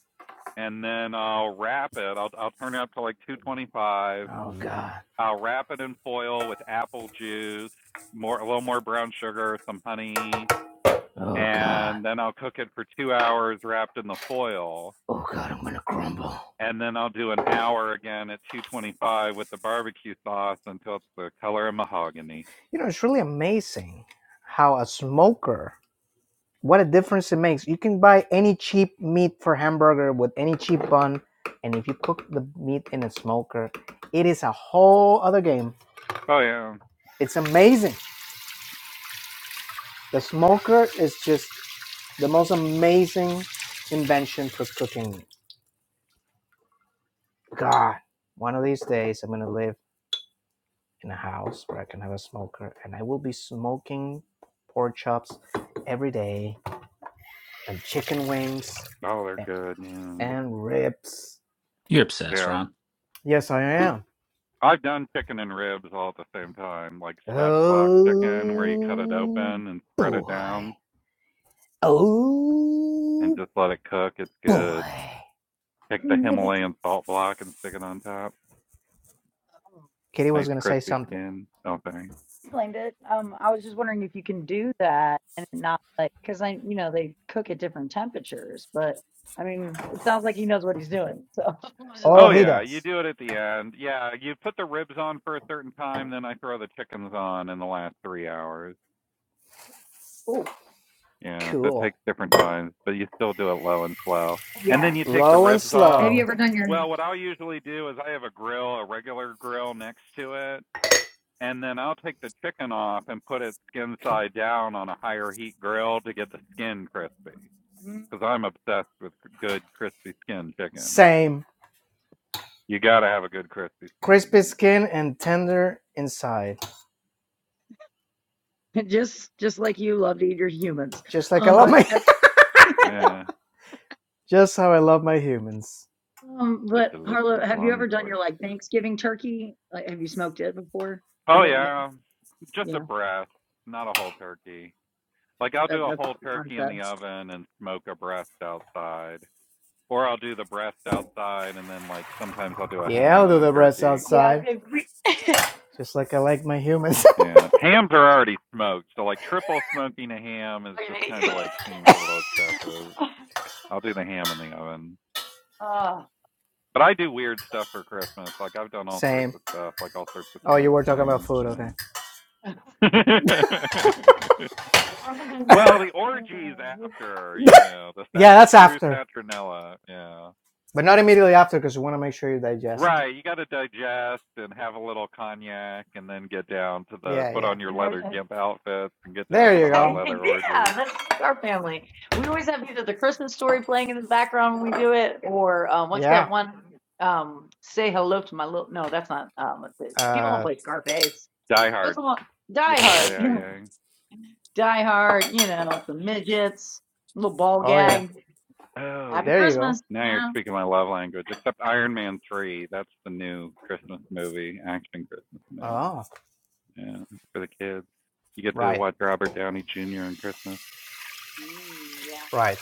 Speaker 8: and then I'll wrap it. I'll I'll turn it up to like 225.
Speaker 1: Oh God.
Speaker 8: I'll wrap it in foil with apple juice, more a little more brown sugar, some honey,
Speaker 1: Oh God.
Speaker 8: and then I'll cook it for two hours wrapped in the foil.
Speaker 1: Oh God. I'm gonna crumble.
Speaker 8: And then I'll do an hour again at 225 with the barbecue sauce until it's the color of mahogany.
Speaker 1: You know, it's really amazing how a smoker, what a difference it makes. You can buy any cheap meat for hamburger with any cheap bun, and if you cook the meat in a smoker, it is a whole other game.
Speaker 8: Oh yeah.
Speaker 1: It's amazing. The smoker is just the most amazing invention for cooking meat. God, one of these days I'm gonna live in a house where I can have a smoker, and I will be smoking pork chops every day and chicken wings
Speaker 8: Oh, they're good. Yeah.
Speaker 1: and rips.
Speaker 2: You're obsessed,
Speaker 8: Yeah.
Speaker 2: Ron.
Speaker 1: Yes, I am.
Speaker 8: I've done chicken and ribs all at the same time, like spatchcock chicken, where you cut it
Speaker 1: Oh
Speaker 8: open and spread it
Speaker 1: boy.
Speaker 8: down and
Speaker 1: Oh
Speaker 8: just let it cook. It's
Speaker 1: boy.
Speaker 8: good. Take the
Speaker 3: If I
Speaker 8: Himalayan salt block and stick it on top.
Speaker 1: Kitty
Speaker 8: Nice
Speaker 1: was going to say
Speaker 8: crispy
Speaker 1: something.
Speaker 8: skin. Oh, thing.
Speaker 3: explained it. Um, I was just wondering if you can do that and not like, because I, you know, they cook at different temperatures, but I mean, it sounds like he knows what he's doing. So I was just
Speaker 1: Oh,
Speaker 8: Oh
Speaker 1: he
Speaker 3: going,
Speaker 8: yeah, you
Speaker 1: does.
Speaker 8: do it at the end. Yeah, you put the ribs on for a certain time, then I throw the chickens on in the last three hours.
Speaker 3: oh,
Speaker 8: Yeah, so it
Speaker 1: Cool.
Speaker 8: takes different times, but you still do it low and slow. And
Speaker 3: Yeah.
Speaker 8: then you take the
Speaker 1: Low and
Speaker 8: ribs
Speaker 3: Have
Speaker 8: off.
Speaker 3: you
Speaker 1: slow.
Speaker 3: ever done your?
Speaker 8: Well, what I'll usually do is I have a grill, a regular grill next to it, and then I'll take the chicken off and put it skin side down on a higher heat grill to get the skin crispy.
Speaker 3: Mm.
Speaker 8: Because I'm obsessed with good crispy skin chicken.
Speaker 1: Same.
Speaker 8: You got to have a good crispy
Speaker 1: Crispy
Speaker 8: skin.
Speaker 1: skin and tender inside.
Speaker 3: just just like you love to eat your humans.
Speaker 1: Just like I
Speaker 3: Um,
Speaker 1: love
Speaker 3: but
Speaker 1: my.
Speaker 8: Yeah,
Speaker 1: Just how I love my humans.
Speaker 3: um,
Speaker 8: it's a
Speaker 3: but Harlow,
Speaker 8: delicious
Speaker 3: have you
Speaker 8: long
Speaker 3: ever done
Speaker 8: pork.
Speaker 3: your like Thanksgiving turkey? Like, have you smoked it before? Or
Speaker 8: Oh
Speaker 3: maybe,
Speaker 8: yeah, just a
Speaker 3: yeah,
Speaker 8: breast, not a whole turkey. Like I'll
Speaker 3: that,
Speaker 8: do a
Speaker 3: that's
Speaker 8: whole
Speaker 3: what I
Speaker 8: turkey in
Speaker 3: said.
Speaker 8: the oven and smoke a breast outside, or I'll do the breast outside and then like sometimes I'll do a
Speaker 1: Yeah,
Speaker 8: ham
Speaker 1: I'll
Speaker 8: and
Speaker 1: do
Speaker 8: a
Speaker 1: the rest
Speaker 8: turkey
Speaker 3: Yeah,
Speaker 1: outside.
Speaker 3: if we. Look
Speaker 1: Just like I like my humans.
Speaker 8: Yeah, hams are already smoked, so like triple smoking a ham is
Speaker 3: at
Speaker 8: just kind of like seems a little excessive. I'll do the ham in the oven, but I do weird stuff for Christmas. Like I've done all sorts
Speaker 1: Same.
Speaker 8: of stuff, like all sorts of
Speaker 1: Oh, you
Speaker 8: smoked
Speaker 1: were talking about
Speaker 8: things.
Speaker 1: food.
Speaker 8: Yeah.
Speaker 1: Okay.
Speaker 8: well, the orgies
Speaker 3: Oh,
Speaker 8: after, you know, the
Speaker 1: Yeah,
Speaker 8: the
Speaker 1: that's
Speaker 8: true
Speaker 1: after.
Speaker 8: Saturnella. Yeah.
Speaker 1: but not immediately after because you want to make sure you digest.
Speaker 8: Right, you got to digest and have a little cognac, and then get down to the
Speaker 1: Yeah,
Speaker 8: put
Speaker 1: yeah.
Speaker 8: on your
Speaker 3: yeah,
Speaker 8: leather gimp outfits and get down
Speaker 1: There
Speaker 8: to the
Speaker 1: you
Speaker 8: hot
Speaker 1: go.
Speaker 8: leather orgy.
Speaker 3: that's just like our family. We always have either the Christmas story playing in the background when we do it, or um, what's that
Speaker 1: Yeah.
Speaker 3: one? Um, say hello to my little. No, that's not. Um, what's it- people don't
Speaker 1: Uh,
Speaker 3: play Scarface.
Speaker 8: Die
Speaker 3: What's
Speaker 8: hard.
Speaker 3: the one? Die
Speaker 8: Yippee ki
Speaker 3: Hard. Yeah.
Speaker 8: yay!
Speaker 3: Die Hard. You know, some midgets, little ball
Speaker 1: oh, yeah.
Speaker 3: gag.
Speaker 8: Oh
Speaker 3: Happy
Speaker 8: yeah.
Speaker 1: There you go.
Speaker 3: Christmas.
Speaker 8: Now you're
Speaker 3: Yeah.
Speaker 8: speaking my love language. Except Iron Man three. That's the new Christmas movie, action Christmas movie.
Speaker 1: Oh,
Speaker 8: Yeah, for the kids. You get to
Speaker 1: right,
Speaker 8: watch Robert Downey Jr. in Christmas.
Speaker 3: Mm, yeah.
Speaker 1: right.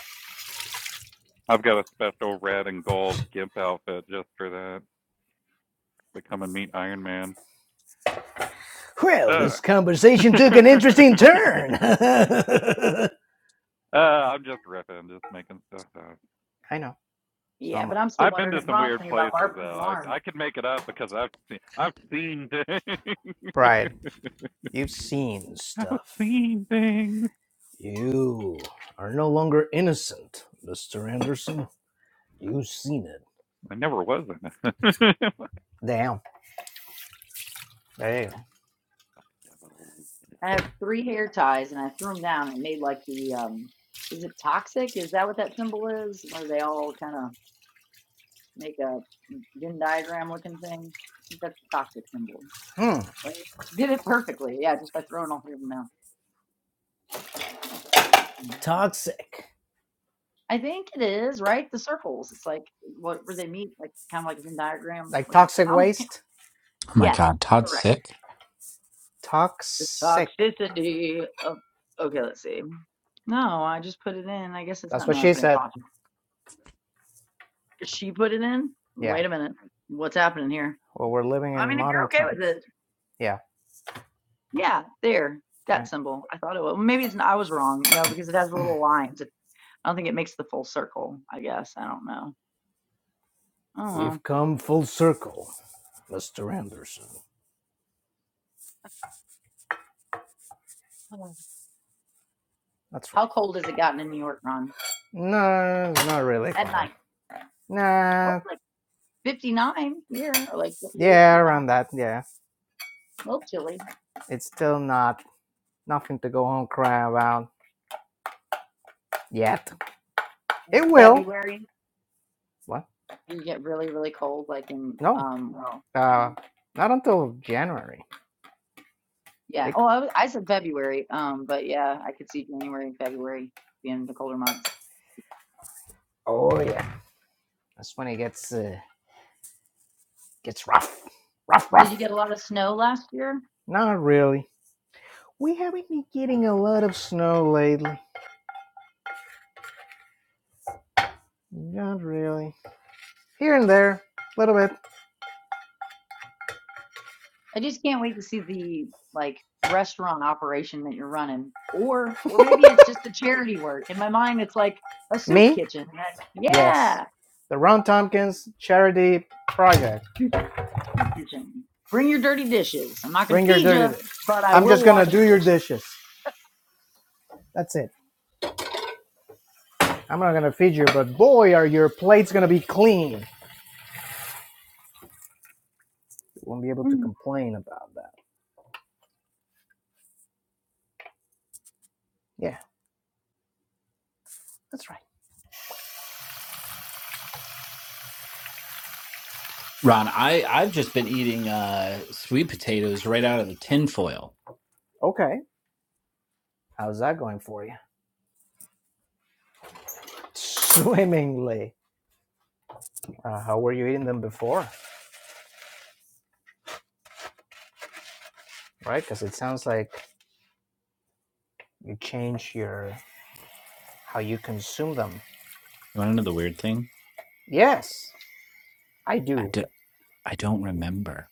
Speaker 8: I've got a special red and gold gimp outfit just for that to come and meet Iron Man.
Speaker 1: Well,
Speaker 8: Ugh.
Speaker 1: this conversation took an interesting turn. I
Speaker 8: uh, I'm just ripping, just making stuff up.
Speaker 1: know. So
Speaker 3: Yeah,
Speaker 1: am I.
Speaker 3: but I'm still
Speaker 8: I've been
Speaker 3: wondering
Speaker 8: to
Speaker 3: if
Speaker 8: some
Speaker 3: Ron's
Speaker 8: weird
Speaker 3: thinking about
Speaker 8: places
Speaker 3: barbecue and
Speaker 8: though.
Speaker 3: orange.
Speaker 8: I I could make it up because I've seen, I've seen
Speaker 1: Right.
Speaker 8: things.
Speaker 1: You've seen
Speaker 8: I was
Speaker 1: stuff.
Speaker 8: seeing things.
Speaker 1: You are no longer innocent, Mr. Anderson. You've seen it.
Speaker 8: I never was in it.
Speaker 1: Damn. There you
Speaker 3: I have three hair ties, and I threw them down and made like the um, is it toxic? Is that what that symbol is? Where they all kind of make a Venn diagram looking thing? I think that's the toxic symbol.
Speaker 1: go. Hmm.
Speaker 3: Like, did it perfectly, yeah, just by throwing all three of them out.
Speaker 1: Toxic.
Speaker 3: I think it is right. The circles. It's like what where they meet, like kind of like a Venn diagram
Speaker 1: Like
Speaker 3: looking.
Speaker 1: toxic
Speaker 3: Um, yeah.
Speaker 1: waste?
Speaker 2: Oh my
Speaker 3: yes,
Speaker 2: God, Todd's
Speaker 3: correct.
Speaker 2: sick.
Speaker 3: The
Speaker 1: Toxic.
Speaker 3: toxicity of. Okay, let's see. No, I just put it in. I guess it's
Speaker 1: That's
Speaker 3: not.
Speaker 1: what
Speaker 3: No, I
Speaker 1: she
Speaker 3: put in
Speaker 1: said.
Speaker 3: toxic. she put it in.
Speaker 1: Yeah.
Speaker 3: Wait a minute. What's happening here?
Speaker 1: Well, we're living
Speaker 3: I
Speaker 1: in
Speaker 3: mean, if you're
Speaker 1: modern
Speaker 3: okay with
Speaker 1: times.
Speaker 3: it,
Speaker 1: Yeah.
Speaker 3: yeah, there, that
Speaker 1: I,
Speaker 3: symbol. I thought it was. Maybe it's. not, I was wrong. No, because it has little lines. It, I don't think it makes the full circle. I guess I don't know. Oh
Speaker 1: We've come full circle, Mr. Anderson.
Speaker 3: well.
Speaker 1: That's
Speaker 3: How
Speaker 1: right.
Speaker 3: cold has it gotten in New York, Ron?
Speaker 1: No, not really
Speaker 3: At
Speaker 1: full.
Speaker 3: night? Well,
Speaker 1: Nah.
Speaker 3: it's like 59 here, or like 58,
Speaker 1: Yeah,
Speaker 3: 59. A
Speaker 1: around that. Yeah.
Speaker 3: little chilly.
Speaker 1: It's still not nothing to go home crying about yet. It will.
Speaker 3: February.
Speaker 1: What?
Speaker 3: You get really, really cold, like in
Speaker 1: No.
Speaker 3: um. Well, no.
Speaker 1: Uh, not until January.
Speaker 3: Yeah.
Speaker 1: It,
Speaker 3: Oh, I, was- I said February. Um, but yeah, I could see January and February being the colder months.
Speaker 1: oh yeah. That's when it gets uh, gets rough. Rough,
Speaker 3: Did you
Speaker 1: rough.
Speaker 3: get a lot of snow last year?
Speaker 1: Not really. We haven't been getting a lot of snow lately. Not really. Here and there, a little bit.
Speaker 3: I just can't wait to see the like restaurant operation that you're running. Or or maybe it's just the charity work. In my mind it's like a soup
Speaker 1: Me?
Speaker 3: kitchen. Like,
Speaker 1: Yes.
Speaker 3: Yeah.
Speaker 1: The Ron Tompkins Charity Project.
Speaker 3: Soup soup kitchen. Bring your dirty dishes. I'm not gonna
Speaker 1: Bring your
Speaker 3: feed you,
Speaker 1: dirty dish.
Speaker 3: but I
Speaker 1: I'm just
Speaker 3: will
Speaker 1: gonna
Speaker 3: wash your
Speaker 1: do your
Speaker 3: dishes.
Speaker 1: dishes. That's it. I'm not gonna feed you, but boy, are your plates gonna be clean. You won't be able to
Speaker 3: Mm,
Speaker 1: complain about that. Yeah, that's right.
Speaker 2: Ron, I I've just been eating uh sweet potatoes right out of the tin foil.
Speaker 1: Okay. How's that going for you? Swimmingly. Uh, how were you eating them before? Right? Because it sounds like you change your how you consume them.
Speaker 2: You want to know the weird thing?
Speaker 1: Yes, I
Speaker 2: I
Speaker 1: do.
Speaker 2: do, I don't remember.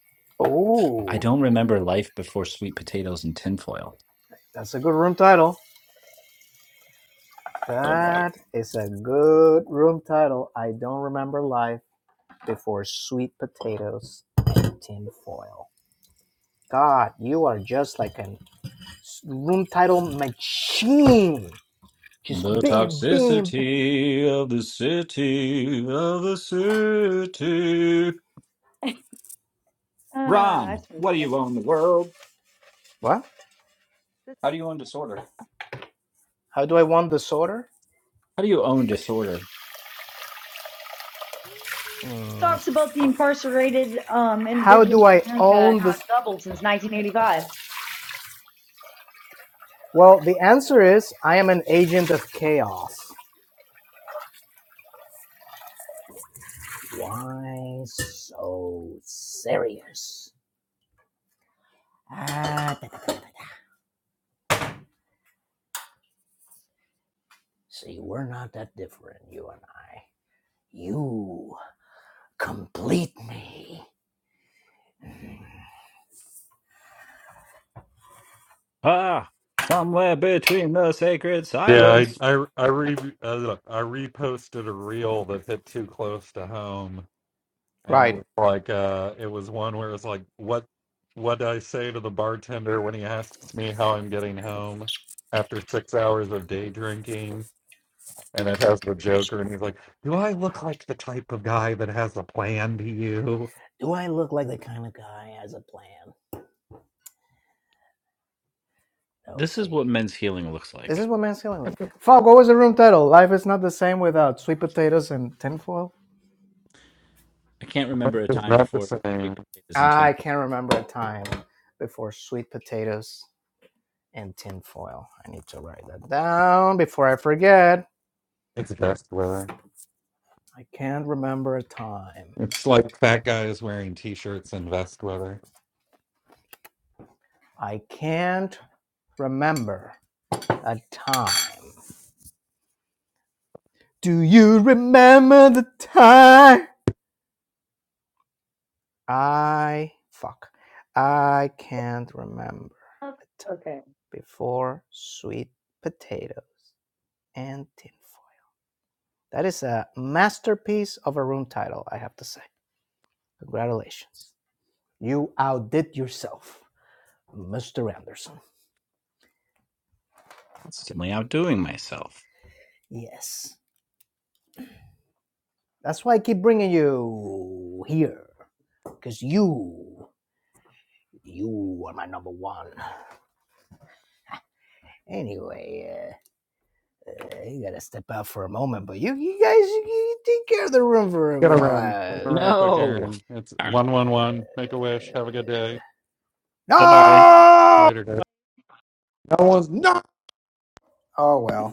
Speaker 2: I
Speaker 1: Oh,
Speaker 2: don't remember life before sweet potatoes and tin foil.
Speaker 1: That's a good room title.
Speaker 2: Oh boy.
Speaker 1: That is a good room title. I don't remember life before sweet potatoes tinfoil. God, you are just like a room title machine. Just
Speaker 2: The
Speaker 1: bam, bam, bam.
Speaker 2: toxicity of the city of the city.
Speaker 3: Ah, I
Speaker 2: Ron,
Speaker 3: swear
Speaker 2: what
Speaker 3: to
Speaker 2: do you
Speaker 3: God.
Speaker 2: own the world?
Speaker 1: What?
Speaker 3: This
Speaker 2: How do you own disorder?
Speaker 1: How do I want this order?
Speaker 2: How do you own disorder?
Speaker 1: Hmm.
Speaker 3: talks about the incarcerated um
Speaker 1: How do
Speaker 3: individuals in
Speaker 1: I
Speaker 3: America and
Speaker 1: own
Speaker 3: how
Speaker 1: this?
Speaker 3: it doubled since nineteen eighty five.
Speaker 1: Well, the answer is I am an agent of chaos. Why so serious? Ah, da, da, da. See, we're not that different, you and I. You complete me.
Speaker 2: Ah, somewhere between the sacred
Speaker 8: Yeah, I
Speaker 2: silence.
Speaker 8: I I re uh, look, I reposted a reel that hit too close to home, and it
Speaker 1: Right.
Speaker 8: was like uh, it was one where it's like, what what do I say to the bartender when he asks me how I'm getting home after six hours of day drinking? And it has the Joker, and he's like, "Do I look like the type of guy that has a plan to you?"
Speaker 1: Do I look like the kind of guy who has a plan? No,
Speaker 2: This is
Speaker 1: see.
Speaker 2: what men's healing looks
Speaker 1: This
Speaker 2: like.
Speaker 1: is what masculinity. Fuck, what was the room title? Life is not the same without sweet potatoes and tinfoil?
Speaker 2: I can't remember a
Speaker 8: It's
Speaker 2: time
Speaker 8: not the
Speaker 2: before
Speaker 8: same.
Speaker 2: sweet potatoes and
Speaker 1: I
Speaker 2: tinfoil.
Speaker 1: can't remember a time before sweet potatoes and tinfoil. I need to write that down before I forget.
Speaker 8: It's best way.
Speaker 1: I can't remember a time.
Speaker 8: It's like fat guys wearing t-shirts and vest weather.
Speaker 1: I can't remember a time Do you remember the time? I fuck. I can't remember a time
Speaker 3: Okay.
Speaker 1: before sweet potatoes and tinfoil. That is a masterpiece of a room title, I have to say. Congratulations. You outdid yourself, Mr. Anderson.
Speaker 2: Constantly outdoing myself.
Speaker 1: Yes. That's why I keep bringing you here. Because you, you are my number one. Anyway, uh, Yeah, you gotta step out for a moment, but you, you guys, you, you take care of the room for a
Speaker 8: Gotta run. Gotta run
Speaker 1: while.
Speaker 8: a quick
Speaker 2: No.
Speaker 8: errand. It's
Speaker 1: Uh,
Speaker 8: one one one. Make a wish. Have a good day.
Speaker 3: Bye.
Speaker 1: No,
Speaker 8: Later, Dave.
Speaker 1: No one's not. oh well.